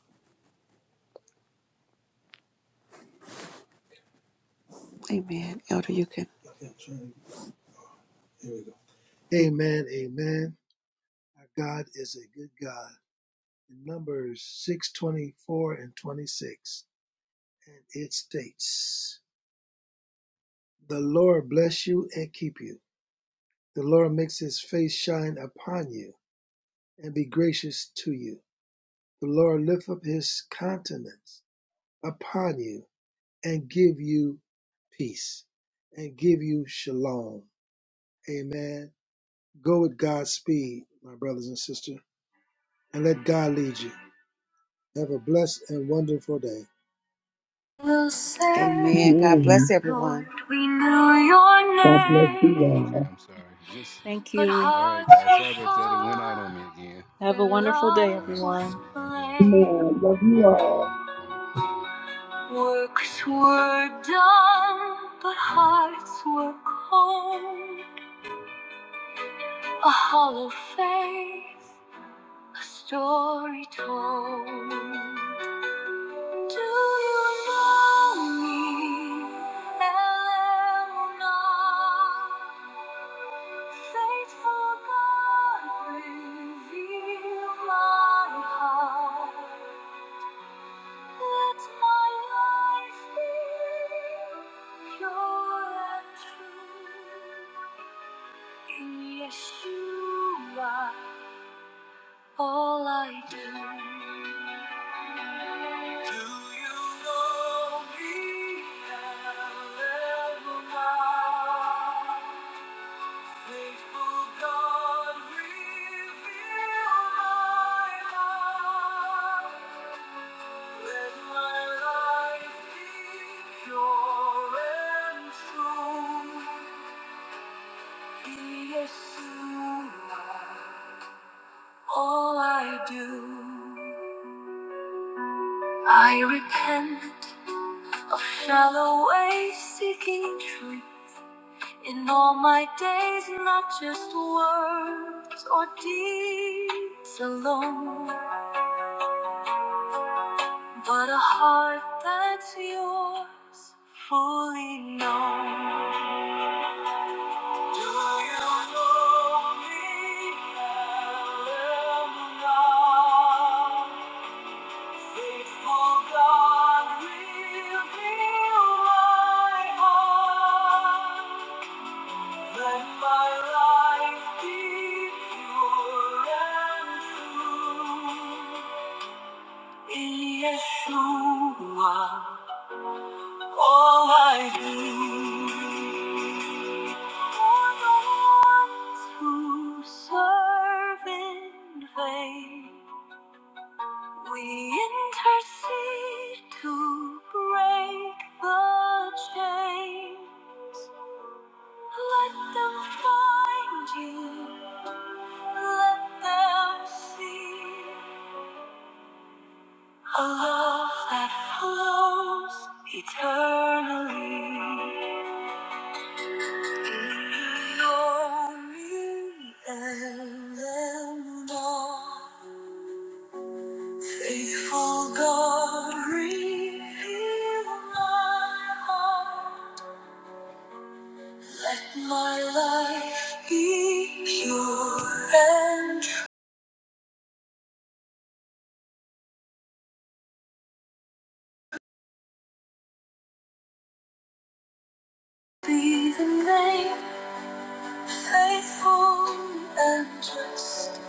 Amen. Elder, you can. Amen. Amen. Our God is a good God. In Numbers 624 and 26, and it states, The Lord bless you and keep you. The Lord makes his face shine upon you and be gracious to you. The Lord lift up his countenance upon you and give you peace and give you shalom. Amen. Go with God's speed, my brothers and sisters, and let God lead you. Have a blessed and wonderful day. Amen. God bless Amen. everyone. Lord, We knew your God Can you hear bless me? you Oh, name, all. okay. I'm sorry. Just, Thank but you. all right, hearts guys. were Sorry about that. It went out far. on me again. Have a Their wonderful day, All love right. was everyone. God bless. Amen. plain. I love you Love you all. guys. All right. Bye. Works were done, but hearts were cold. A hollow faith, a story told. Do you know me, Eleanor? Faithful God, reveal my heart. Let my life be pure and true. In Yeshua, all I do. Do you know me? Adonai? Faithful God, reveal my life. Let my life be pure and true. Be Yeshua, all I do. I repent of shallow ways seeking truth. In all my days, not just words or deeds alone, but a heart that's yours fully known. Do you know me, Eleanor? Faithful God, reveal my heart. Let my life be pure and true. In Yeshua, all I do. For the ones who serve in vain, we intercede to break the chain. Let them find you. Let them see a love that flows eternally. You know me and am Faithful God, reveal my heart. My life be pure and true. Be the name faithful and just.